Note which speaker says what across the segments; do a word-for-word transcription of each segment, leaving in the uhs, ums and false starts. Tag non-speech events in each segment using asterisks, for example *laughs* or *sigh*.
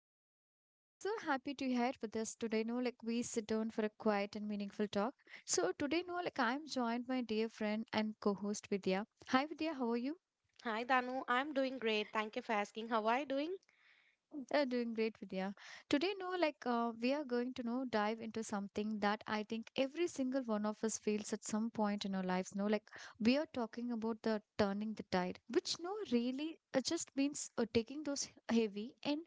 Speaker 1: host. I'm so happy to hear with us today. No, like we sit down for a quiet and meaningful talk. So today, no, like I'm joined by dear friend and co-host Vidya. Hi Vidya, how are you?
Speaker 2: Hi Danu, I'm doing great. Thank you for asking. How are you doing?
Speaker 1: Uh, doing great, Vidya. Today, no, like uh, we are going to know dive into something that I think every single one of us feels at some point in our lives. No, like we are talking about the turning the tide, which no really uh, just means uh, taking those heavy and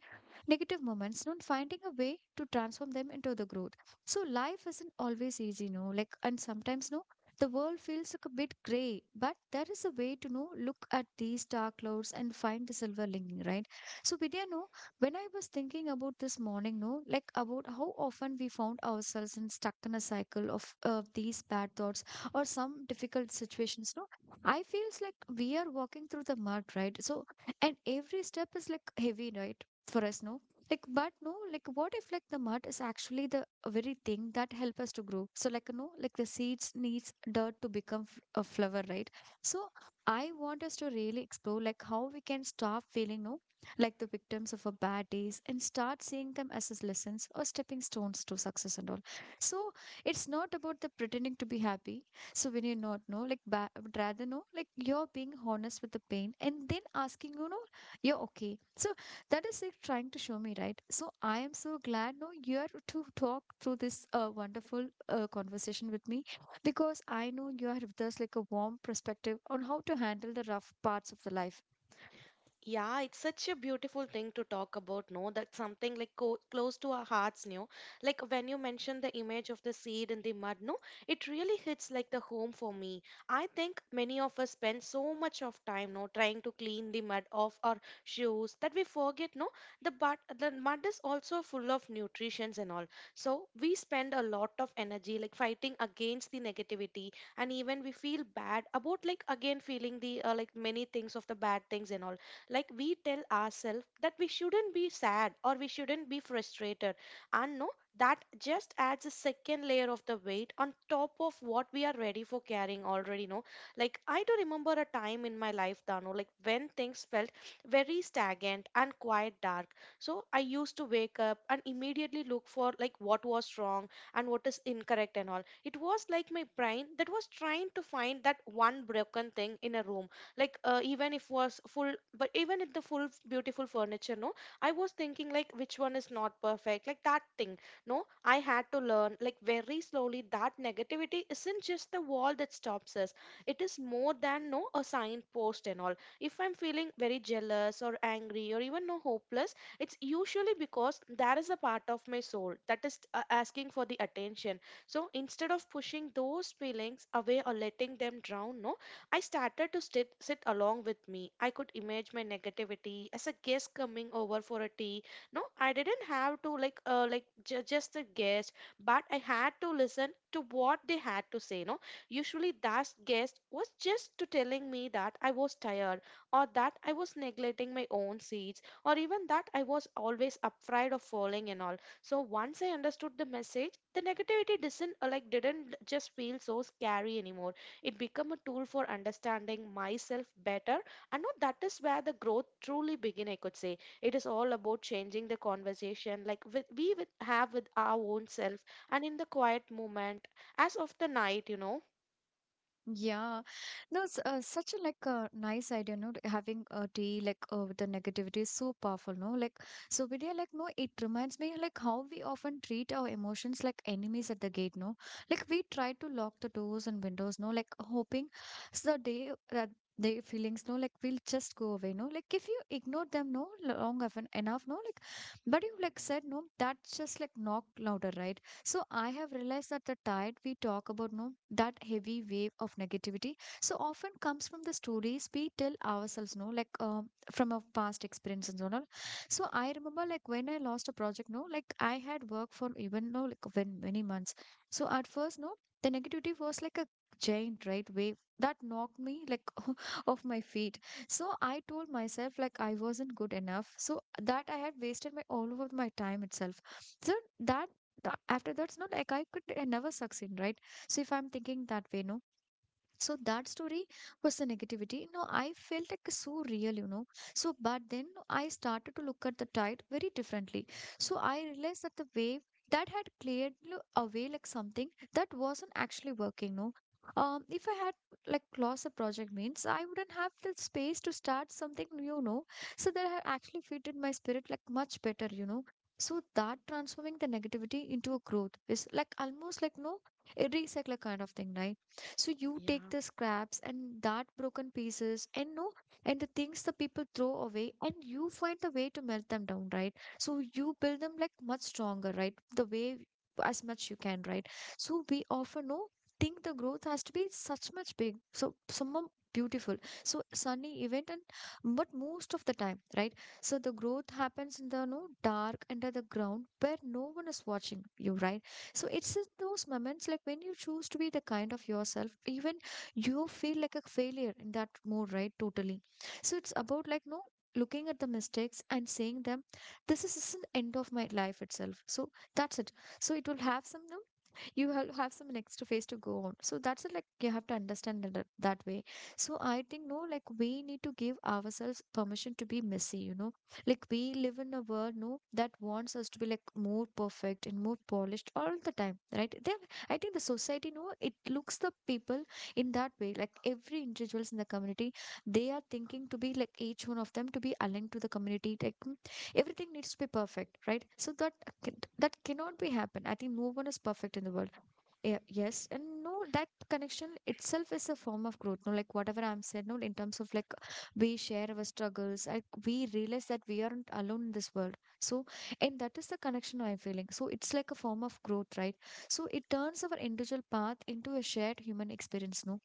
Speaker 1: negative moments, no, and finding a way to transform them into the growth. So life isn't always easy, no, like and sometimes no. The world feels like a bit grey, but there is a way to know look at these dark clouds and find the silver lining, right? So Vidya, no, when I was thinking about this morning, no, like about how often we found ourselves in stuck in a cycle of uh, these bad thoughts or some difficult situations, no, I feels like we are walking through the mud, right? So, and every step is like heavy, right, for us, no. Like, but no, like, what if like the mud is actually the very thing that help us to grow? So, like, no, like the seeds needs dirt to become f- a flower, right? So, I want us to really explore like how we can stop feeling no like the victims of a bad days and start seeing them as as lessons or stepping stones to success and all so it's not about the pretending to be happy so when you not know like ba- would rather know like you're being honest with the pain and then asking you know you're okay so that is like trying to show me right so I am so glad no you are to talk through this uh, wonderful uh, conversation with me because I know you are with us like a warm perspective on how to handle the rough parts of the life.
Speaker 2: Yeah, it's such a beautiful thing to talk about, no? That's something like co close to our hearts, no? Like when you mention the image of the seed in the mud, no? It really hits like the home for me. I think many of us spend so much of time, no, trying to clean the mud off our shoes that we forget, no? The but the mud is also full of nutrients and all. So we spend a lot of energy like fighting against the negativity, and even we feel bad about like again feeling the uh, like many things of the bad things and all, like we tell ourselves that we shouldn't be sad or we shouldn't be frustrated, and no, that just adds a second layer of the weight on top of what we are ready for carrying already, no. Like I do remember a time in my life, Dano, like when things felt very stagnant and quite dark. So I used to wake up and immediately look for like what was wrong and what is incorrect and all. It was like my brain that was trying to find that one broken thing in a room, like uh, even if was full, but even if the full f- beautiful furniture, no, I was thinking like which one is not perfect, like that thing. No, I had to learn like very slowly that negativity isn't just the wall that stops us. It is more than no a signpost and all. If I'm feeling very jealous or angry or even no hopeless, it's usually because there is a part of my soul that is uh, asking for the attention. So instead of pushing those feelings away or letting them drown, no, I started to sit, sit along with me. I could imagine my negativity as a guest coming over for a tea. No, I didn't have to like uh, like ju- just a guest, but I had to listen to what they had to say. No, usually that guest was just to telling me that I was tired, or that I was neglecting my own seeds, or even that I was always afraid of falling and all. So once I understood the message, the negativity didn't uh, like didn't just feel so scary anymore. It become a tool for understanding myself better. And no, that is where the growth truly begin, I could say. It is all about changing the conversation like with, we with, have with our own self, and in the quiet moment as of the night, you know.
Speaker 1: Yeah, no, it's uh, such a like a nice idea, no? Like, having a tea like uh, with the negativity is so powerful, no? Like, so Vidya, like, no, it reminds me like how we often treat our emotions like enemies at the gate, no? Like we try to lock the doors and windows, no? Like hoping so the day that they feelings, no? Like will just go away, no? Like if you ignore them, no, long enough, enough, no? Like, but you like said, no, that's just like knock louder, right? So I have realized that the tide we talk about, no, that heavy wave of negativity, so often comes from the stories we tell ourselves, no, like um, from our past experiences and all. So I remember, like when I lost a project, no, like I had worked for even no, like when many months. So at first, no, the negativity was like a giant right wave that knocked me like *laughs* off my feet. So I told myself like I wasn't good enough so that I had wasted my all of my time itself so that tha- after that's not like I could uh, never succeed, right? So if I'm thinking that way, no, so that story was the negativity. No, I felt like so real, you know. So, but then I started to look at the tide very differently. So I realized that the wave that had cleared lo- away like something that wasn't actually working, no. Um, if I had like lost the project means I wouldn't have the space to start something new, no. So that had actually fitted my spirit like much better, you know. So that transforming the negativity into a growth is like almost like no a recycler kind of thing, right? So you take
Speaker 2: Yeah.
Speaker 1: the scraps and that broken pieces and no and the things the people throw away and you find the way to melt them down, right? So you build them like much stronger, right? The way as much you can, right? So we often know think the growth has to be such much big. So someone beautiful. So sunny event and but most of the time, right? So the growth happens in the no dark under the ground where no one is watching you, right? So it's in those moments like when you choose to be the kind of yourself, even you feel like a failure in that mode, right? Totally. So it's about like no looking at the mistakes and saying them, this is, is the end of my life itself. So that's it. So it will have some no you have have some next phase to go on so that's it, like you have to understand that, that way. So I think no like we need to give ourselves permission to be messy, you know. Like we live in a world no that wants us to be like more perfect and more polished all the time, right? They, I think the society no it looks the people in that way, like every individuals in the community they are thinking to be like each one of them to be aligned to the community like mm, everything needs to be perfect, right? So that can- That cannot be happen. I think no one is perfect in the world. Yeah, yes and no that connection itself is a form of growth no like whatever I'm said no in terms of like we share our struggles like we realize that we aren't alone in this world. So and that is the connection I'm feeling so it's like a form of growth, right? So it turns our individual path into a shared human experience, no.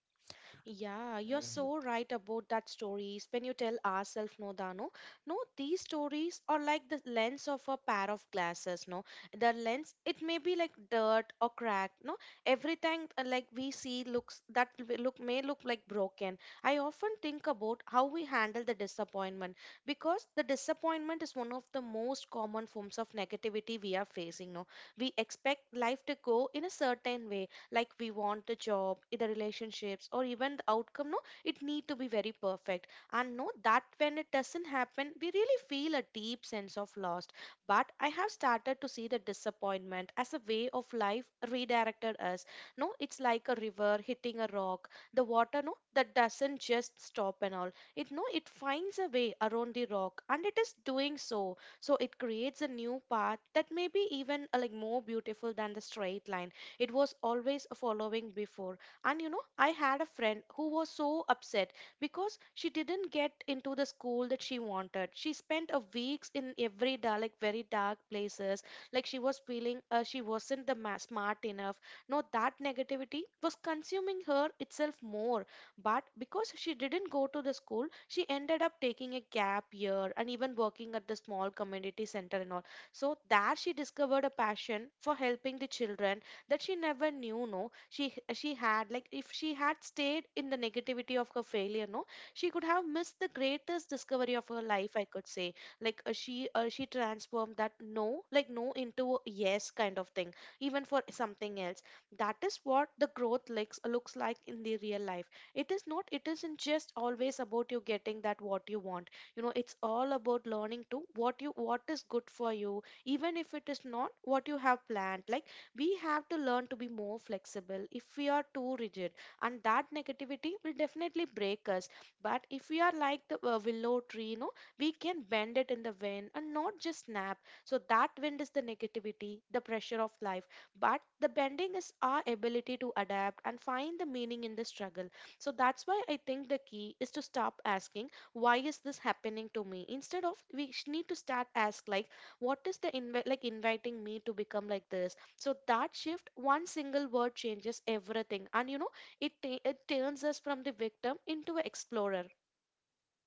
Speaker 2: Yeah, you're so right about that stories when you tell ourselves, no, Dano. No, these stories are like the lens of a pair of glasses, no. The lens it may be like dirt or cracked, no. Everything uh, like we see looks that w- look may look like broken. I often think about how we handle the disappointment, because the disappointment is one of the most common forms of negativity we are facing, no. We expect life to go in a certain way, like we want the job i- the relationships, or even the outcome, no, it need to be very perfect. And no, that when it doesn't happen, we really feel a deep sense of loss. But I have started to see the disappointment as a way of life redirected us. No, it's like a river hitting a rock. The water, no, that doesn't just stop and all. It, no, it finds a way around the rock, and it is doing so, so it creates a new path that may be even uh, like more beautiful than the straight line it was always following before. And you know, I had a friend who was so upset because she didn't get into the school that she wanted. She spent a weeks in every dark, like very dark places. Like she was feeling uh, she wasn't the ma- smart enough. No, that negativity was consuming her itself more. But because she didn't go to the school, she ended up taking a gap year, and even working at the small community center and all. So there she discovered a passion for helping the children that she never knew, no. She she had like, if she had stayed in the negativity of her failure, no, she could have missed the greatest discovery of her life, I could say. Like uh, she uh, she transformed that no like no into a yes kind of thing, even for something else. That is what the growth looks looks like in the real life. It is not, it isn't just always about you getting that what you want. You know, it's all about learning to what you what is good for you, even if it is not what you have planned. Like we have to learn to be more flexible. If we are too rigid, and that negativity will definitely break us. But if we are like the uh, willow tree, you know, we can bend it in the wind and not just snap. So that wind is the negativity, the pressure of life, but the bending is our ability to adapt and find the meaning in the struggle. So that's why I think the key is to stop asking why is this happening to me. Instead of we sh- need to start ask like what is the invi- like inviting me to become like this. So that shift, one single word changes everything. And you know, it, ta- it turns us from the victim into an explorer.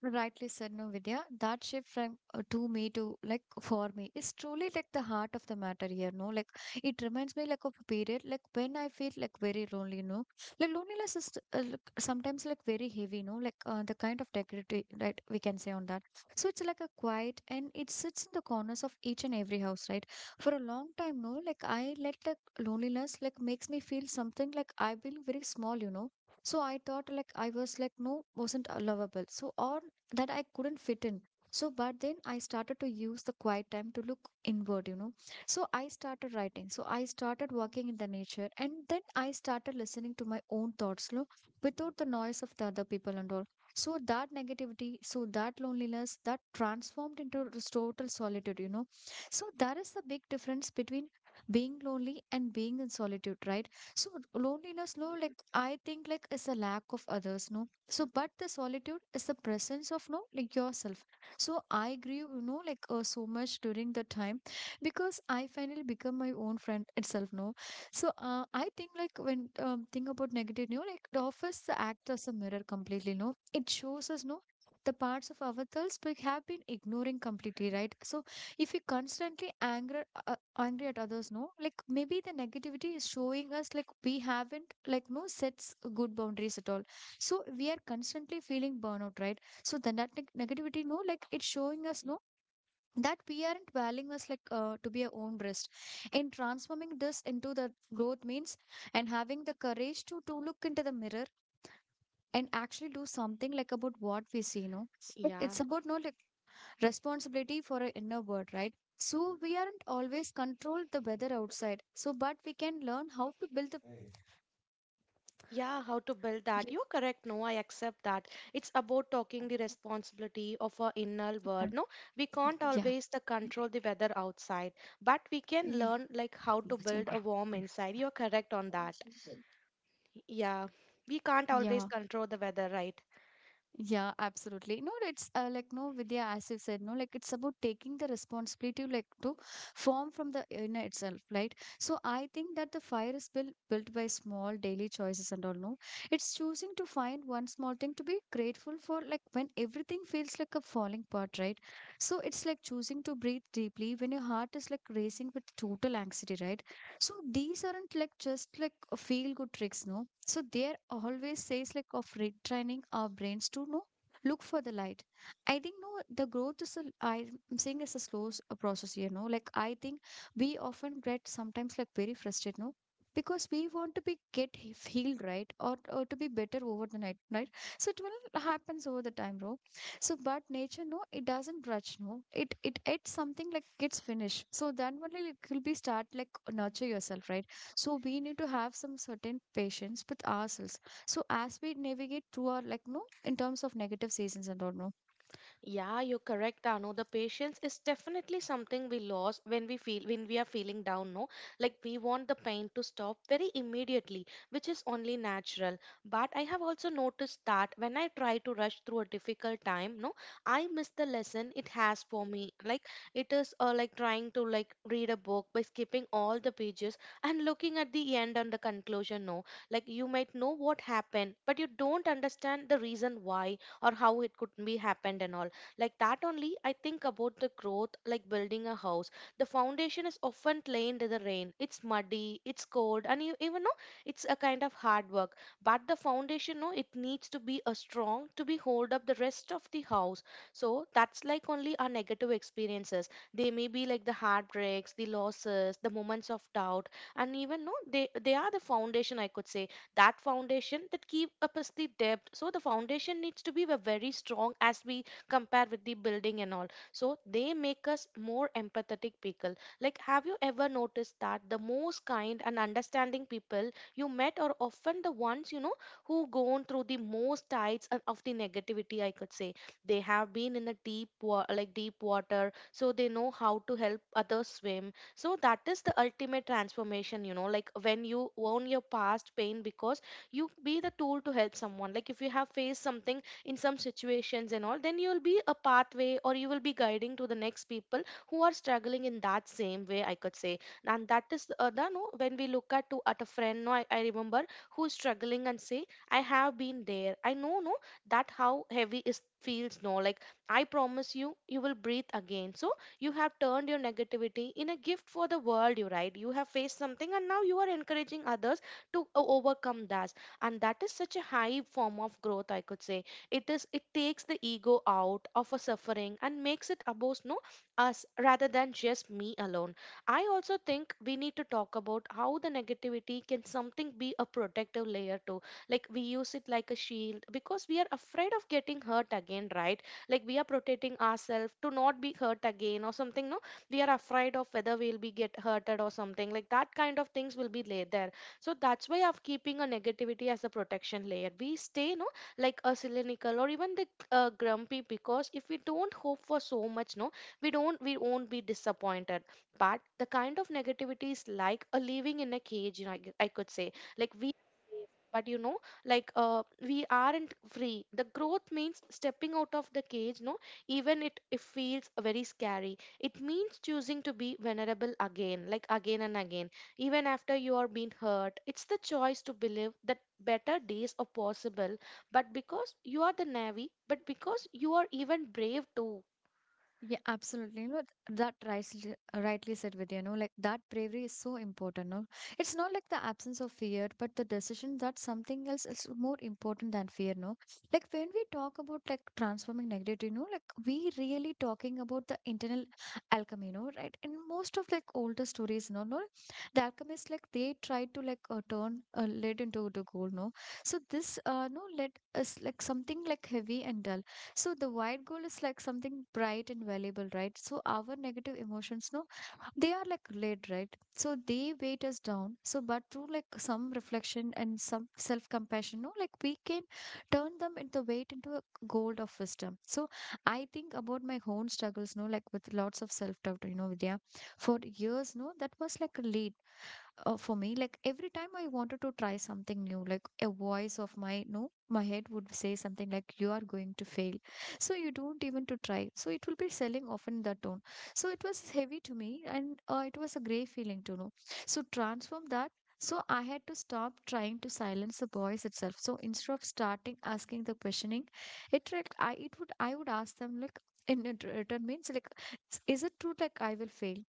Speaker 1: Rightly said, no, Vidya. That shift from uh, to me to like for me is truly like the heart of the matter here, no? Like it reminds me like of a period like when I feel like very lonely, no? Like loneliness is uh, like, sometimes like very heavy, no? Like uh, the kind of decorative right we can say on that. So it's like a quiet and it sits in the corners of each and every house, right? For a long time, no? Like I let like loneliness like makes me feel something like I feel very small, you know? So I thought like I was like no wasn't uh, lovable. So or that I couldn't fit in. So, but then I started to use the quiet time to look inward, you know. So, I started writing. So, I started working in the nature. And then I started listening to my own thoughts, you know, without the noise of the other people and all. So, that negativity, so that loneliness, that transformed into this total solitude, you know. So, that is the big difference between being lonely and being in solitude, right? So, loneliness, no, like I think, like, is a lack of others, no. So but the solitude is the presence of no like yourself. So I grieve, you know, like uh, so much during the time because I finally become my own friend itself, no. So uh, I think like when um, think about negative, you know, like it offers the office acts as a mirror completely, no, it shows us no the parts of ourselves we have been ignoring completely, right? So if we constantly anger uh, angry at others, no, like maybe the negativity is showing us like we haven't like no sets good boundaries at all, so we are constantly feeling burnout, right? So then that neg- negativity, no, like it's showing us no that we aren't valuing us like uh, to be our own best in transforming this into the growth means and having the courage to to look into the mirror and actually do something like about what we see, no? Know
Speaker 2: Yeah.
Speaker 1: it's about no like responsibility for our inner world, right? So we aren't always control the weather outside, so but we can learn how to build the
Speaker 2: Yeah, how to build that.
Speaker 1: yeah,
Speaker 2: You're correct. No, I accept that. It's about talking the responsibility of our inner world. No, we can't always the control the weather outside, but we can
Speaker 1: yeah,
Speaker 2: learn like how to build a warm inside. You're correct on that. Yeah, we can't always
Speaker 1: yeah.
Speaker 2: control the weather, right?
Speaker 1: Yeah, absolutely. No, it's uh, like no, Vidya, as you said, no, like it's about taking the responsibility, like to form from the inner itself, right? So I think that the fire is built built by small daily choices and all. No, it's choosing to find one small thing to be grateful for, like when everything feels like a falling part, right? So it's like choosing to breathe deeply when your heart is like racing with total anxiety, right? So these aren't like just like a feel good tricks, no. So there always says like of retraining our brains to no look for the light. I think no the growth is a I'm saying it's a slow s- a process here, no. Like I think we often get sometimes like very frustrated, no. Because we want to be get he- healed, right? Or, or to be better over the night, right? So it will happens over the time, bro, so, but nature, no, it doesn't rush, no. It it it's something like gets finished. So then only like, will be start like nurture yourself, right? So we need to have some certain patience with ourselves. So as we navigate through our like no in terms of negative seasons and all, no.
Speaker 2: Yeah, you're correct, Anu. The patience is definitely something we lose when we feel when we are feeling down, no? Like we want the pain to stop very immediately, which is only natural. But I have also noticed that when I try to rush through a difficult time, no, I miss the lesson it has for me. Like it is uh, like trying to like read a book by skipping all the pages and looking at the end and the conclusion, no? Like you might know what happened, but you don't understand the reason why or how it could be happened and all. Like that only, I think about the growth like building a house. The foundation is often plain in the rain. It's muddy, it's cold, and you even know it's a kind of hard work. But the foundation, no, it needs to be a strong to be hold up the rest of the house. So that's like only our negative experiences. They may be like the heartbreaks, the losses, the moments of doubt, and even no, they they are the foundation, I could say. That foundation that keep up us the depth. So the foundation needs to be ve- very strong as we compare with the building and all. So they make us more empathetic people. Like, have you ever noticed that the most kind and understanding people you met are often the ones, you know, who gone through the most tides and of the negativity, I could say. They have been in a deep wa- like deep water, so they know how to help others swim. So that is the ultimate transformation, you know, like when you own your past pain, because you be the tool to help someone. Like if you have faced something in some situations and all, then you will be a pathway, or you will be guiding to the next people who are struggling in that same way, I could say. And that is uh, the no when we look at to at a friend no I, I remember who's struggling and say I have been there, I know, no, that how heavy is feels, no, like I promise you, you will breathe again. So you have turned your negativity in a gift for the world, you right, you have faced something, and now you are encouraging others to o- overcome that. And that is such a high form of growth, I could say. It is, it takes the ego out of a suffering and makes it about no us rather than just me alone. I also think we need to talk about how the negativity can something be a protective layer too. Like we use it like a shield because we are afraid of getting hurt again, right? Like we are protecting ourselves to not be hurt again or something, no, we are afraid of whether we'll be get hurted or something, like that kind of things will be laid there. So that's Why I'm keeping a negativity as a protection layer we stay, no, like a cynical or even the uh, grumpy, because if we don't hope for so much, no, we don't we won't be disappointed. But the kind of negativity is like a living in a cage, you know, I, g- I could say. Like we, but you know, like uh, we aren't free. The growth means stepping out of the cage, no, even it, it feels very scary. It means choosing to be vulnerable again, like again and again, even after you are being hurt. It's the choice to believe that better days are possible. But because you are the navy, but because you are even brave too.
Speaker 1: Yeah, absolutely. You know, that rightly, rightly said, Vidya. You know, like that bravery is so important. No, it's not like the absence of fear, but the decision that something else is more important than fear. No, like when we talk about like transforming negativity, you know, like we really talking about the internal alchemy. You know, right? In most of like older stories, no, no, the alchemists like they try to like uh, turn uh, lead into the gold. No, so this uh, no lead is like something like heavy and dull. So the white gold is like something bright and valuable, right? So our negative emotions, no, they are like lead, right? So they weight us down. So but through like some reflection and some self-compassion, no, like we can turn them into weight into a gold of wisdom. So I think about my own struggles, no, like with lots of self-doubt, you know, Vidya. For years, no, that was like a lead uh, for me. Like every time I wanted to try something new, like a voice of my no my head would say something like, you are going to fail, so you don't even to try. So it will be selling often in that tone. So it was heavy to me, and uh, it was a great feeling to know so transform that. So I had to stop trying to silence the boys itself. So instead of starting asking the questioning, it like i it would i would ask them like, in it- return means like, is it true like I will fail?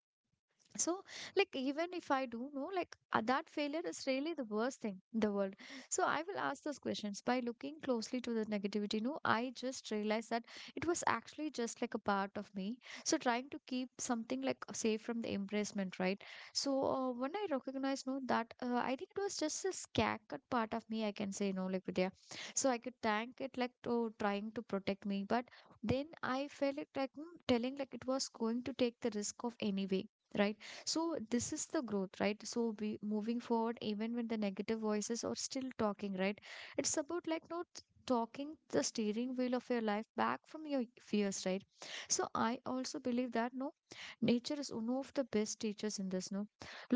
Speaker 1: So, like, even if I do know, like, uh, that failure is really the worst thing in the world. So, I will ask those questions by looking closely to the negativity. No, I just realized that it was actually just like a part of me. So, trying to keep something like uh, safe from the embracement, right? So, uh, when I recognized, no, that uh, I think it was just a scattered part of me, I can say, no, like, Vidya. So, I could thank it, like, to trying to protect me. But then I felt it, like, mm, telling, like, it was going to take the risk of anyway, right? So this is the growth, right? So we moving forward, even when the negative voices are still talking, right? It's about like not talking the steering wheel of your life back from your fears, right? So I also believe that no, nature is one of the best teachers in this. No,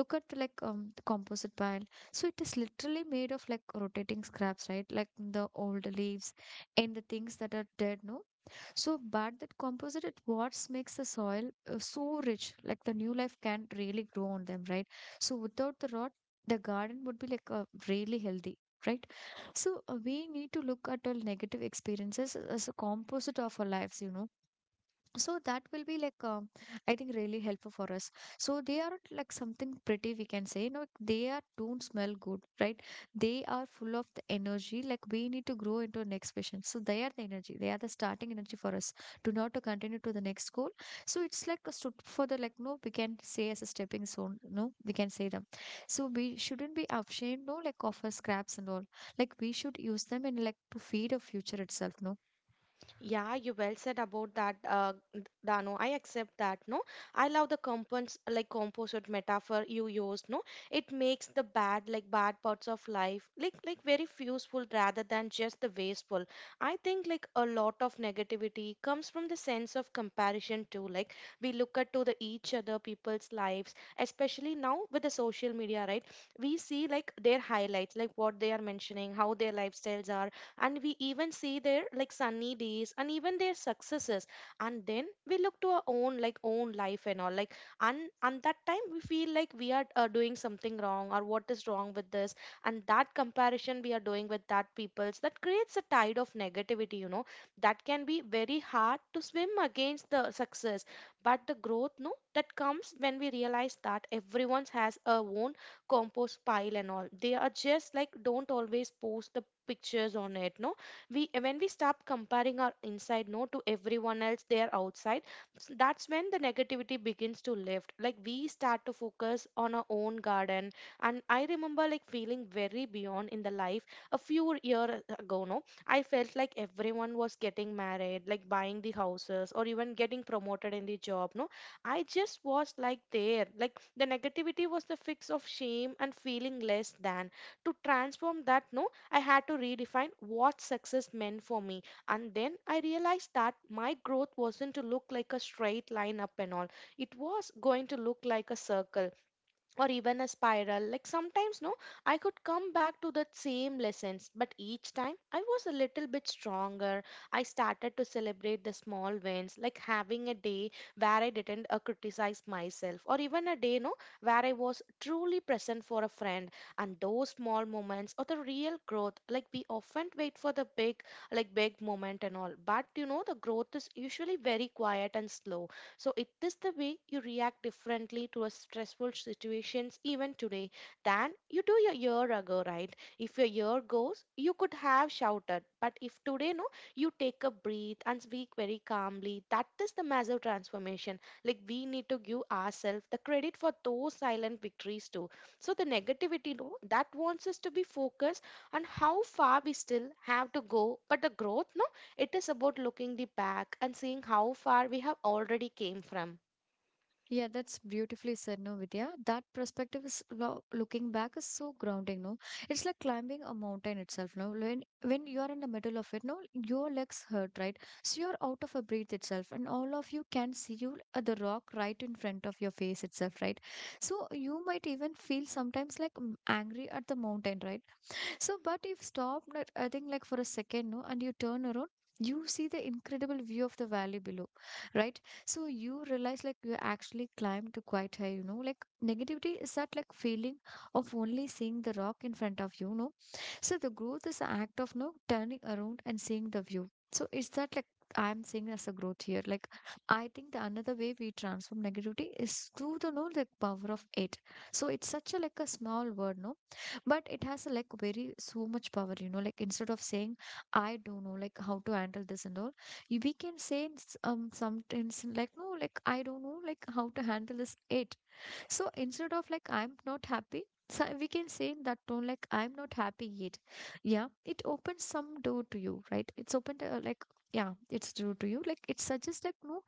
Speaker 1: look at like um the composite pile. So it is literally made of like rotating scraps, right? Like the old leaves and the things that are dead. No, so, but that composite it what makes the soil uh, so rich, like the new life can really grow on them, right? So without the rot, the garden would be like uh, really healthy, right? So uh, we need to look at all negative experiences as a composite of our lives, you know. So that will be like um, I think really helpful for us. So they aren't like something pretty we can say, no, they are don't smell good, right? They are full of the energy like we need to grow into next patient. So they are the energy, they are the starting energy for us to not to continue to the next goal. So it's like a stood for the like no we can say as a stepping stone, no, we can say them. So we shouldn't be ashamed, no, like of our scraps and all, like we should use them in like to feed our future itself, no.
Speaker 2: Yeah, you well said about that, uh, d- Dano. I accept that. No, I love the compos like composite metaphor you used. No, it makes the bad like bad parts of life like like very useful rather than just the wasteful. I think like a lot of negativity comes from the sense of comparison too. Like we look at to the each other people's lives, especially now with the social media, right? We see like their highlights, like what they are mentioning, how their lifestyles are, and we even see their like sunny days and even their successes. And then we look to our own like own life and all, like and and that time we feel like we are uh, doing something wrong, or what is wrong with this. And that comparison we are doing with that people's, that creates a tide of negativity, you know, that can be very hard to swim against the success. But the growth, no, that comes when we realize that everyone has a own compost pile and all. They are just like don't always post the pictures on it, no. We, when we stop comparing our inside, no, to everyone else their outside, s- that's when the negativity begins to lift. Like we start to focus on our own garden. And I remember like feeling very beyond in the life a few years ago, no. I felt like everyone was getting married, like buying the houses or even getting promoted in the job, no. I just was like there. Like the negativity was the fix of shame and feeling less than. To transform that, no, I had to redefine what success meant for me. And then I realized that my growth wasn't to look like a straight line up and all, it was going to look like a circle, or even a spiral, like sometimes, no, I could come back to the same lessons, but each time I was a little bit stronger. I started to celebrate the small wins, like having a day where I didn't uh, criticize myself, or even a day, no, where I was truly present for a friend. And those small moments are the real growth. Like we often wait for the big like big moment and all, but you know the growth is usually very quiet and slow. So it is the way you react differently to a stressful situations even today than you do a year ago, right? If a year goes, you could have shouted, but if today, no, you take a breath and speak very calmly. That is the massive transformation. Like we need to give ourselves the credit for those silent victories too. So the negativity, no, that wants us to be focused on how far we still have to go, but the growth, no, it is about looking the back and seeing how far we have already came from.
Speaker 1: Yeah, that's beautifully said, no, Vidya. That perspective is lo looking back is so grounding, no? It's like climbing a mountain itself, no? When when you are in the middle of it, no, your legs hurt, right? So you're out of a breath itself, and all of you can see you uh, the rock right in front of your face itself, right? So you might even feel sometimes like m- angry at the mountain, right? So, but if stop, not- I think like for a second, no, and you turn around, you see the incredible view of the valley below, right? So you realize like you actually climbed to quite high, you know. Like negativity is that like feeling of only seeing the rock in front of you, no? So the growth is an act of no turning around and seeing the view. So is that like I'm seeing as a growth here. Like I think the another way we transform negativity is through the no the power of it. So it's such a like a small word, no? But it has like very so much power, you know. Like instead of saying, I don't know like how to handle this and all, you- we can say in s- um sometimes like no like, I don't know like how to handle this it. So instead of like, I'm not happy, so we can say in that tone, like, I'm not happy yet. Yeah, it opens some door to you, right? It's opened, uh, like, yeah, it's door to you. Like, it suggests, like, no,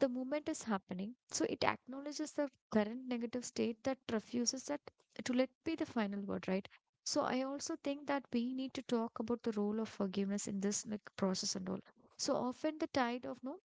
Speaker 1: the movement is happening. So it acknowledges the current negative state that refuses that to let be the final word, right? So I also think that we need to talk about the role of forgiveness in this like process and all. So often the tide of no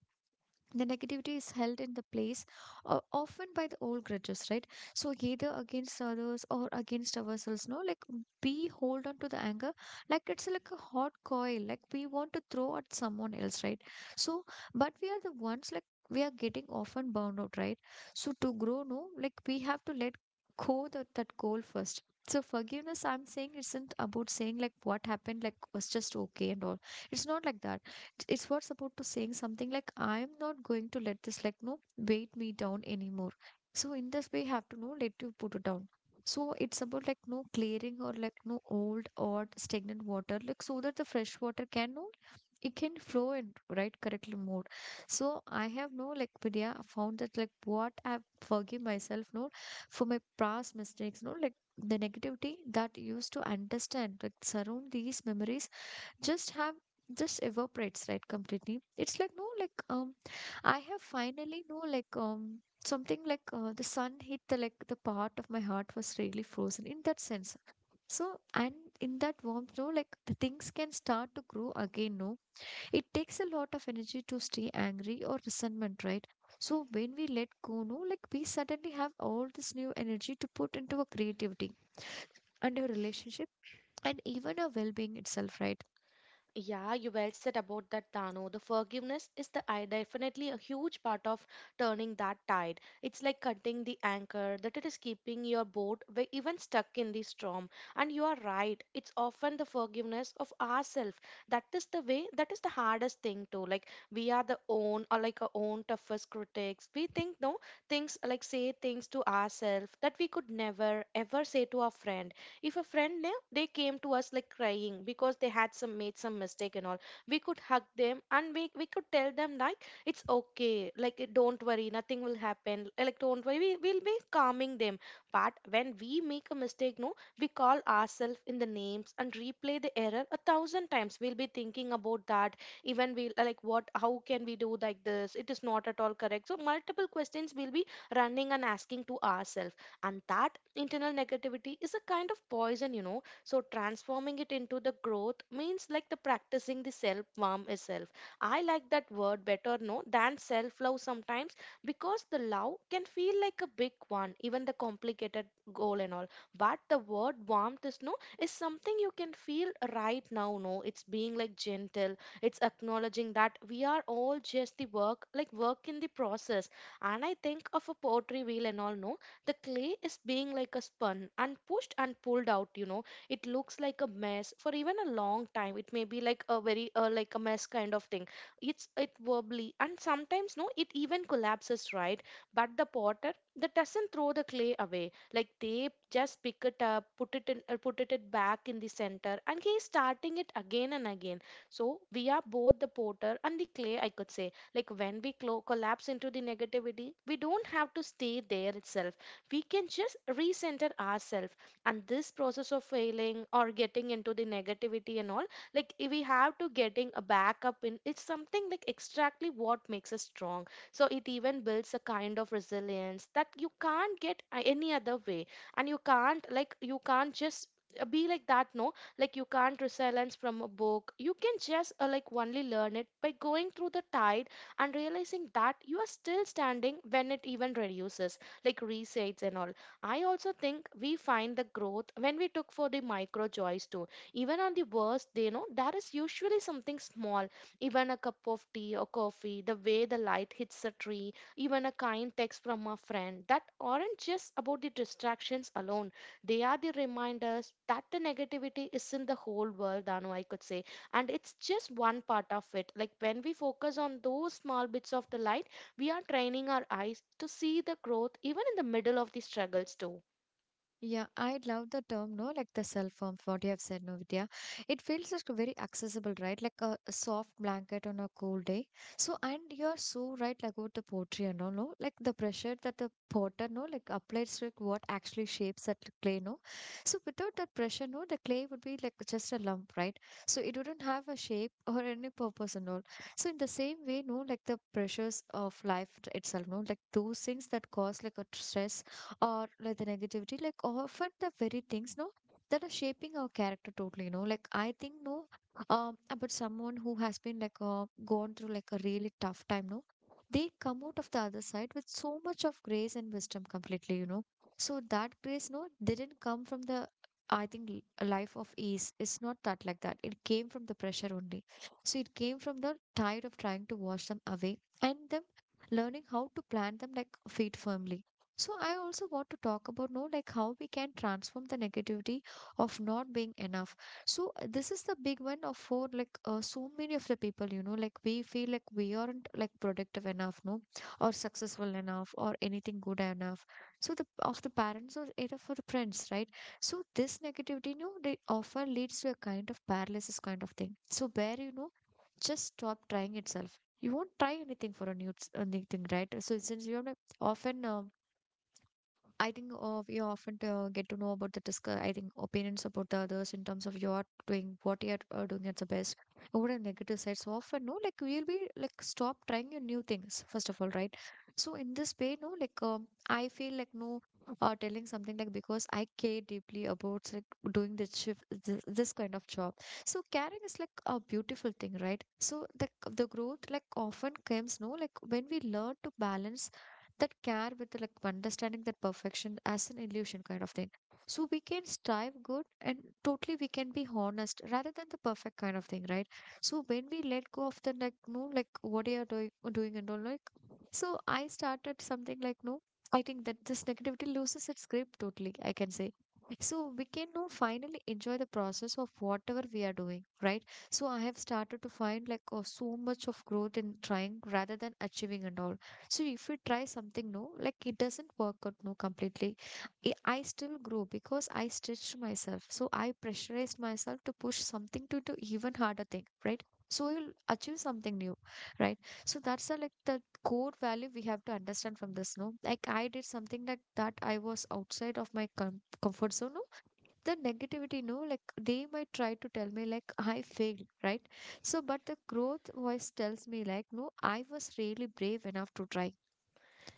Speaker 1: the negativity is held in the place uh, often by the old grudges, right? So either against others or against ourselves, no. Like we hold on to the anger like it's like a hot coil, like we want to throw at someone else, right? So but we are the ones like we are getting often burned out, right? So to grow, no, like we have to let go that, that goal first. So forgiveness I'm saying isn't about saying like what happened like was just okay and all. It's not like that. It's what's about to saying something like, I'm not going to let this like no weight me down anymore. So in this way you have to know let you put it down. So it's about like no clearing or like no old or stagnant water, like so that the fresh water can no it can flow in, right? Correctly mode. So I have no like Vidya found that like what I've forgive myself no for my past mistakes, no. Like the negativity that used to understand like surround these memories just have just evaporates, right? Completely. It's like no like um I have finally no like um something like uh, the sun hit the like the part of my heart was really frozen in that sense. So and in that warmth, no, like the things can start to grow again, no. It takes a lot of energy to stay angry or resentment, right? So when we let go, no, like we suddenly have all this new energy to put into our creativity and our relationship and even our well-being itself, right?
Speaker 2: Yeah, you well said about that, Dano. The forgiveness is the I definitely a huge part of turning that tide. It's like cutting the anchor that it is keeping your boat wa- even stuck in the storm. And you are right. It's often the forgiveness of ourselves. That is the way. That is the hardest thing to like. We are the own, or like our own toughest critics. We think, no, things like say things to ourselves that we could never ever say to our friend. If a friend knew, they came to us like crying because they had some made some mistake and all, we could hug them and we, we could tell them like it's okay, like don't worry, nothing will happen, like don't worry, we will be calming them. But when we make a mistake, no, we call ourselves in the names and replay the error a thousand times. We'll be thinking about that. Even we like, what, how can we do like this? It is not at all correct. So multiple questions we will be running and asking to ourselves. And that internal negativity is a kind of poison, you know. So transforming it into the growth means like the practicing the self warm itself. I like that word better, no, than self love sometimes, because the love can feel like a big one, even the complicated goal and all. But the word warmth is, no, is something you can feel right now, no. It's being like gentle. It's acknowledging that we are all just the work like work in the process. And I think of a poetry wheel and all, no, the clay is being like a spun and pushed and pulled out, you know. It looks like a mess for even a long time. It may be like a very uh, like a mess kind of thing. It's it wobbly, and sometimes, no, it even collapses, right? But the potter that doesn't throw the clay away. Like they just pick it up, put it in, uh, put it it back in the center, and he's starting it again and again. So we are both the potter and the clay, I could say. Like when we clo- collapse into the negativity, we don't have to stay there itself. We can just recenter ourselves. And this process of failing or getting into the negativity and all, like if we have to getting a backup in, it's something like exactly what makes us strong. So it even builds a kind of resilience that you can't get uh, any other way. And you can't like, you can't just uh, be like that, no. Like you can't resilience from a book. You can just uh, like only learn it by going through the tide and realizing that you are still standing when it even reduces, like resets and all. I also think we find the growth when we took for the micro joys too. Even on the worst day, you know, there is usually something small, even a cup of tea or coffee, the way the light hits a tree, even a kind text from a friend, that aren't just about the distractions alone. They are the reminders that the negativity is in the whole world, Dano, I could say. And it's just one part of it. Like when we focus on those small bits of the light, we are training our eyes to see the growth even in the middle of the struggles too.
Speaker 1: Yeah, I love the term, no, like the self-harm, what you have said, no, Vidya. It feels like very accessible, right? Like a, a soft blanket on a cold day. So, and you're so right like, about the pottery and all, no? Like the pressure that the potter, no, like applies to like, what actually shapes that clay, no? So, without that pressure, no, the clay would be like just a lump, right? So, it wouldn't have a shape or any purpose and all. So, in the same way, no, like the pressures of life itself, no, like those things that cause like a stress or like the negativity, like often the very things, no, that are shaping our character totally, you know. Like I think, no, um about someone who has been like uh, gone through like a really tough time, no, they come out of the other side with so much of grace and wisdom completely, you know. So that grace, no, didn't come from the, I think, l- a life of ease. It's not that, like that it came from the pressure only. So it came from the tide of trying to wash them away, and them learning how to plant them like feet firmly. So I also want to talk about, no, like how we can transform the negativity of not being enough. So uh, this is the big one of for like uh, so many of the people, you know, like we feel like we aren't like productive enough, no, or successful enough or anything good enough. So the of the parents or either for the friends, right. So this negativity, you know, they often leads to a kind of paralysis kind of thing. So where, you know, just stop trying itself. You won't try anything for a new anything, right. So since you're like often. Um, I think uh, we often uh, get to know about the discuss. I think opinions about the others in terms of you're doing what you're uh, doing at the best. Over the negative sides, so often, no, like we'll be like stop trying your new things first of all, right? So in this way, no, like um, I feel like, no, uh, telling something like because I care deeply about like doing this shift, this, this kind of job. So caring is like a beautiful thing, right? So the the growth like often comes, no, like when we learn to balance that care with like understanding that perfection as an illusion kind of thing. So we can strive good and totally we can be honest rather than the perfect kind of thing, right? So when we let go of the, like, no, like what you are doing doing and all, like, so I started something like, no, I think that this negativity loses its grip totally, I can say. So we can now finally enjoy the process of whatever we are doing, right? So I have started to find like, oh, so much of growth in trying rather than achieving and all. So if we try something new, like it doesn't work out, no, completely, I I still grow because I stretched myself. So I pressurized myself to push something to do even harder thing, right? So you'll achieve something new, right? So that's the like the core value we have to understand from this, no? Like I did something like that, I was outside of my com comfort zone, no? The negativity, no? Like they might try to tell me like I failed, right? So but the growth voice tells me like, no, I was really brave enough to try.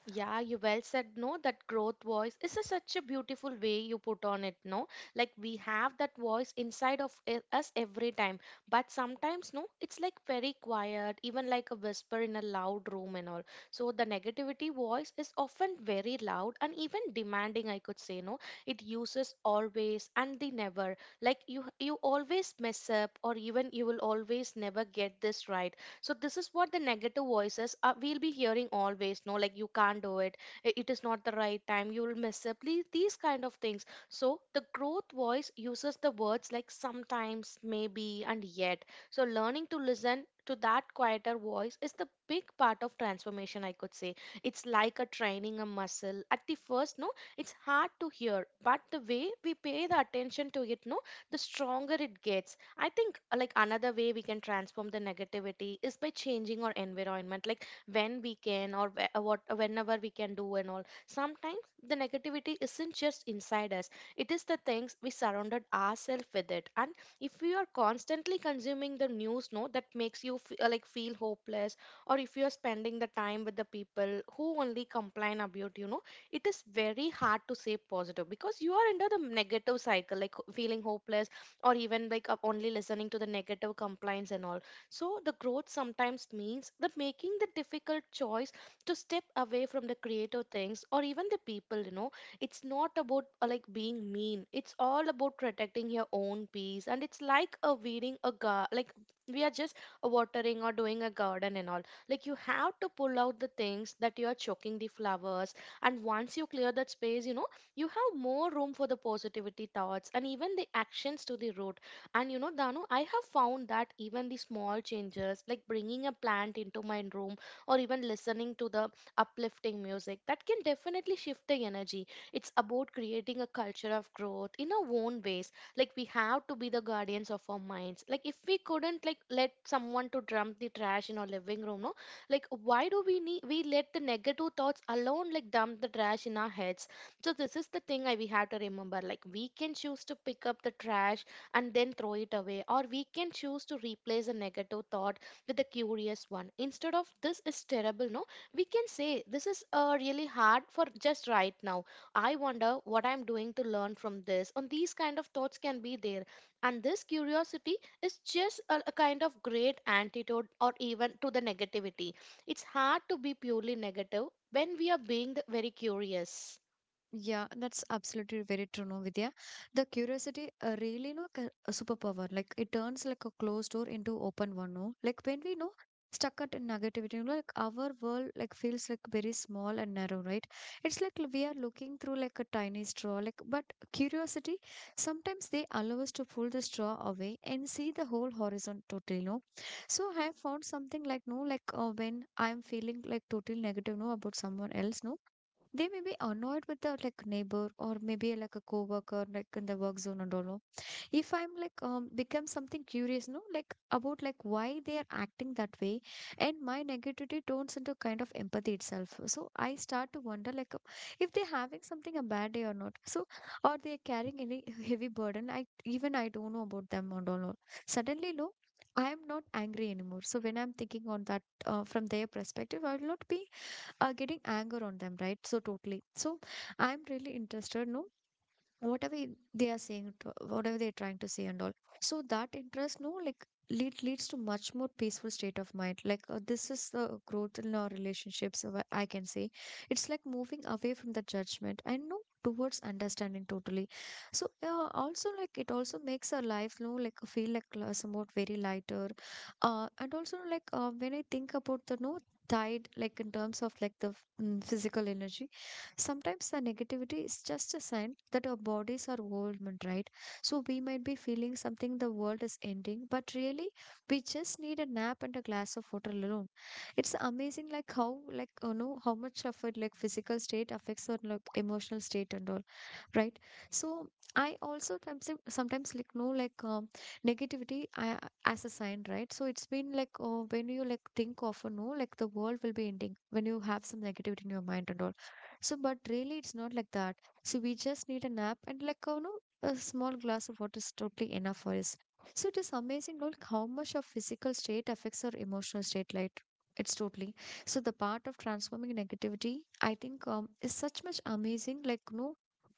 Speaker 2: Yeah, you well said, no, that growth voice is a, such a beautiful way you put on it, no? Like we have that voice inside of e- us every time, but sometimes, no, it's like very quiet, even like a whisper in a loud room and all. So the negativity voice is often very loud and even demanding, I could say, no? It uses always and the never. Like you, you always mess up, or even you will always never get this right. So this is what the negative voices are. We'll be hearing always, no, like you can't do it, I- it is not the right time, you will miss up, please, these kind of things. So the growth voice uses the words like sometimes, maybe, and yet. So learning to listen to that quieter voice is the big part of transformation, I could say. It's like a training a muscle at the first, no, it's hard to hear, but the way we pay the attention to it, no, the stronger it gets. I think uh, like another way we can transform the negativity is by changing our environment, like when we can, or whe- uh, what uh, whenever we can do and all. Sometimes the negativity isn't just inside us; it is the things we surrounded ourselves with it. And if you are constantly consuming the news, no, that makes you f- uh, like feel hopeless, or if you are spending the time with the people who only complain about you know, it is very hard to say positive because you are under the negative cycle, like ho- feeling hopeless or even like up only listening to the negative complaints and all. So the growth sometimes means that making the difficult choice to step away from the creative things or even the people you know It's not about uh, like being mean. It's all about protecting your own peace, and it's like a weeding a gar like we are just watering or doing a garden and all. Like you have to pull out the things that you are choking the flowers, and once you clear that space you know You have more room for the positivity thoughts and even the actions to the root. And you know, Danu, I have found that even the small changes, like bringing a plant into my room, or even listening to the uplifting music, that can definitely shift the energy. It's about creating a culture of growth in our own ways. Like we have to be the guardians of our minds. Like if we couldn't like let someone to dump the trash in our living room, no, like why do we need we let the negative thoughts alone like dump the trash in our heads? So this is the thing I we have to remember. Like we can choose to pick up the trash and then throw it away, or we can choose to replace a negative thought with a curious one. Instead of this is terrible, no, we can say this is uh, really hard for just right now. I wonder what I'm doing to learn from this. And these kind of thoughts can be there, and this curiosity is just a, a kind of great antidote, or even to the negativity. It's hard to be purely negative when we are being the, very curious.
Speaker 1: Yeah, that's absolutely very true, no, Vidya. The curiosity uh, really, no, ca- a superpower. Like it turns like a closed door into open one, no. Like when we know stuck at negativity, you know, like our world like feels like very small and narrow, right? It's like we are looking through like a tiny straw. Like, but curiosity sometimes they allow us to pull the straw away and see the whole horizon totally, no. So I have found something like, no, like uh, when I'm feeling like totally negative, no, about someone else, no. They may be annoyed with the like neighbor or maybe like a coworker like in the work zone and all, no? If I'm like um become something curious, no, like about like why they are acting that way, and my negativity turns into kind of empathy itself. So I start to wonder like uh, if they're having something a bad day or not. So are they carrying any heavy burden? I even I don't know about them and all, no. Suddenly, no, I am not angry anymore. So when I'm thinking on that uh, from their perspective, I will not be are getting anger on them, right? So totally. So I'm really interested, no, whatever they are saying to, whatever they're trying to say and all. So that interest, no, like lead leads to much more peaceful state of mind, like, uh, this is the growth in our relationships, uh, I can say. It's like moving away from the judgment and, no, towards understanding totally. So, uh, also like it also makes our life, no, like feel like uh, somewhat very lighter. uh, and also like, uh, when I think about the, no, tide like in terms of like the, mm, physical energy. Sometimes the negativity is just a sign that our bodies are overwhelmed, right? So we might be feeling something the world is ending, but really we just need a nap and a glass of water alone. It's amazing like how, like, you know, how much of it like physical state affects our like emotional state and all, right? So I also sometimes sometimes like know like, um, negativity I, as a sign, right? So it's been like uh when you like think of, you know, like the world will be ending when you have some negativity in your mind and all. So, but really, it's not like that. So, we just need a nap and, like, you know, a small glass of water is totally enough for us. So, it is amazing, like, how much our physical state affects our emotional state, like, it's totally. So, the part of transforming negativity, I think, um, is such much amazing, like, you know,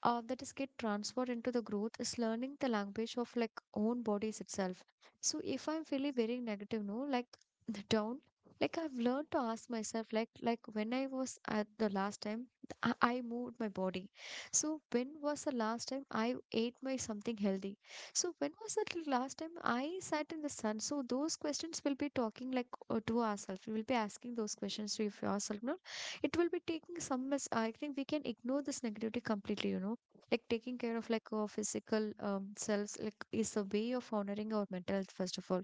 Speaker 1: uh, that is get transferred into the growth is learning the language of like own bodies itself. So if I'm feeling very negative, no, like *laughs* down, like I've learned to ask myself, like like when I was at the last time, I, I moved my body. So when was the last time I ate my something healthy? So when was the l- last time I sat in the sun? So those questions will be talking like uh, to ourselves. We will be asking those questions to yourself. No, it will be taking some. mis- I think we can ignore this negativity completely. You know, like taking care of like our physical um, selves like is a way of honoring our mental health first of all.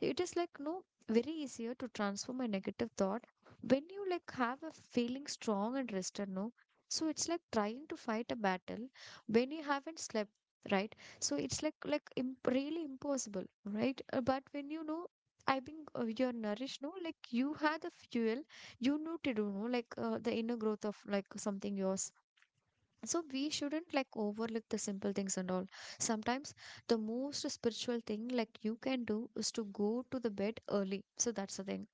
Speaker 1: It is like, no, very easier to transform a negative thought when you like have a feeling strong and rested, no. So it's like trying to fight a battle when you haven't slept, right? So it's like like imp- really impossible, right? Uh, but when you know I think uh, you're nourished, no, like you had the fuel, you know, to do, no, like uh, the inner growth of like something yours. So we shouldn't like overlook the simple things and all. Sometimes the most spiritual thing like you can do is to go to the bed early. So that's the thing.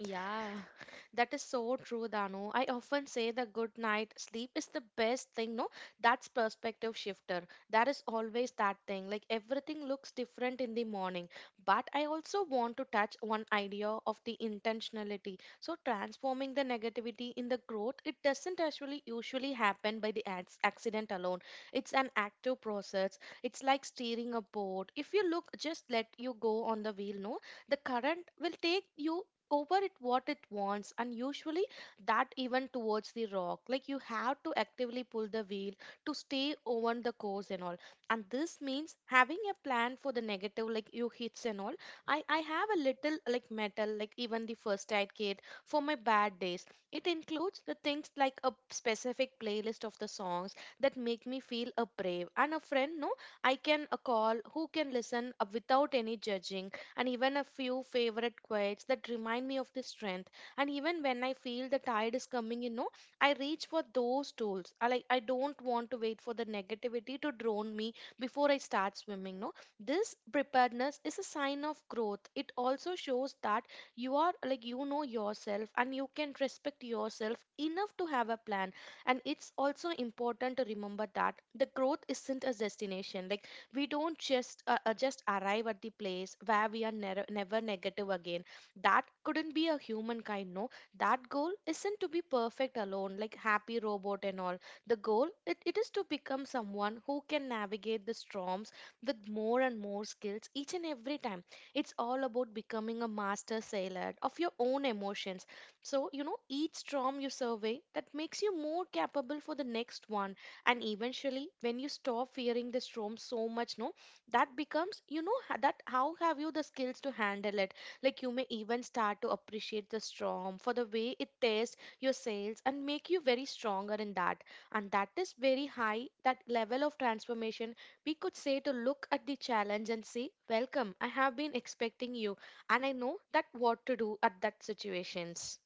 Speaker 2: Yeah, *laughs* that is so true, Danu. I often say the good night sleep is the best thing, no? That's perspective shifter. That is always that thing. Like everything looks different in the morning. But I also want to touch one idea of the intentionality. So transforming the negativity in the growth, it doesn't actually usually happen by the ac- accident alone. It's an active process. It's like steering a boat. If you look, just let you go on the wheel, no? The current will take you over it what it wants, and usually that even towards the rock. Like you have to actively pull the wheel to stay on the course and all. And this means having a plan for the negative like you hits and all. I i have a little like metal like even the first aid kit for my bad days. It includes the things like a specific playlist of the songs that make me feel a brave and a friend, no, I can a call who can listen uh, without any judging, and even a few favorite quotes that remind me of the strength. And even when I feel the tide is coming, you know, I reach for those tools. I like I don't want to wait for the negativity to drown me before I start swimming. No, this preparedness is a sign of growth. It also shows that you are like you know yourself, and you can respect yourself enough to have a plan. And it's also important to remember that the growth isn't a destination. Like we don't just uh, uh, just arrive at the place where we are never never negative again. That couldn't be a humankind, no. That goal isn't to be perfect alone like happy robot and all. The goal it, it is to become someone who can navigate the storms with more and more skills each and every time. It's all about becoming a master sailor of your own emotions. So you know each storm you survey, that makes you more capable for the next one. And eventually when you stop fearing the storm so much, no, that becomes you know ha- that how have you the skills to handle it. Like you may even start to appreciate the storm for the way it tests your sails and make you very stronger in that. And that is very high that level of transformation, we could say, to look at the challenge and say welcome, I have been expecting you, and I know that what to do at that situations.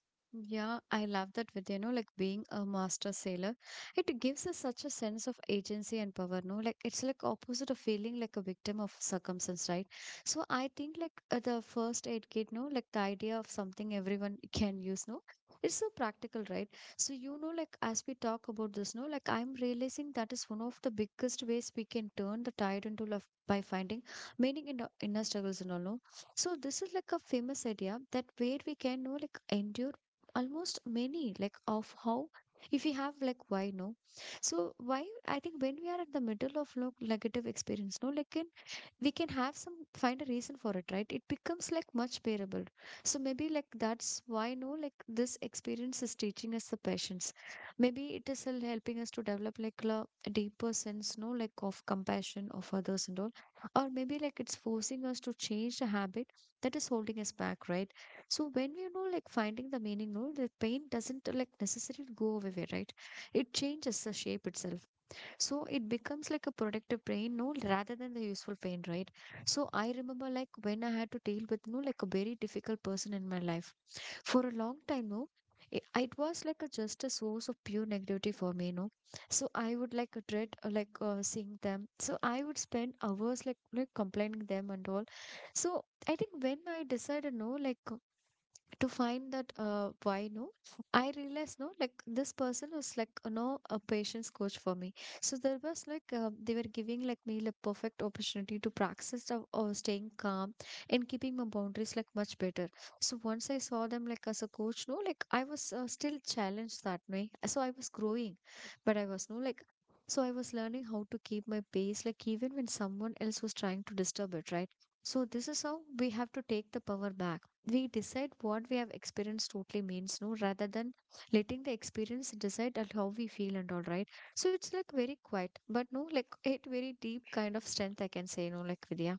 Speaker 1: Yeah, I love that with, you know, like being a master sailor. It gives us such a sense of agency and power, no? Like it's like opposite of feeling like a victim of circumstance, right? So I think like uh, the first aid kit, no, like the idea of something everyone can use, no? It's so practical, right? So you know, like as we talk about this, no, like I'm realizing that is one of the biggest ways we can turn the tide into love by finding meaning in the inner struggles and all, no? So this is like a famous idea that where we can know like endure almost many like of how, if we have like why, no. So why I think when we are at the middle of like negative experience, no, like in, we can have some find a reason for it, right? It becomes like much bearable. So maybe like that's why, no, like this experience is teaching us the patience. Maybe it is hel- helping us to develop like a deeper sense, no, like of compassion of others and all. Or maybe like it's forcing us to change the habit that is holding us back, right? So when we know like finding the meaning, no, the pain doesn't uh, like necessarily go away, right? It changes the shape itself. So it becomes like a productive pain, no, rather than the useful pain, right? So I remember like when I had to deal with, no, like a very difficult person in my life for a long time, no. It, it was like a, just a source of pure negativity for me, no. So I would like uh, dread uh, like uh, seeing them. So I would spend hours like like complaining them and all. So I think when I decided, no, like to find that uh, why, no, i realized, no, like this person was, like, you know, a patience coach for me. So there was like uh, they were giving, like, me the perfect opportunity to practice of uh, staying calm and keeping my boundaries, like, much better. So once i saw them like as a coach, no, like i was uh, still challenged that way, so i was growing, but i was, no, like so i was learning how to keep my pace like even when someone else was trying to disturb it, right? So this is how we have to take the power back. We decide what we have experienced totally means, no, rather than letting the experience decide at how we feel and all, right? So it's like very quiet but no, like it very deep kind of strength i can say, no, like Vidya.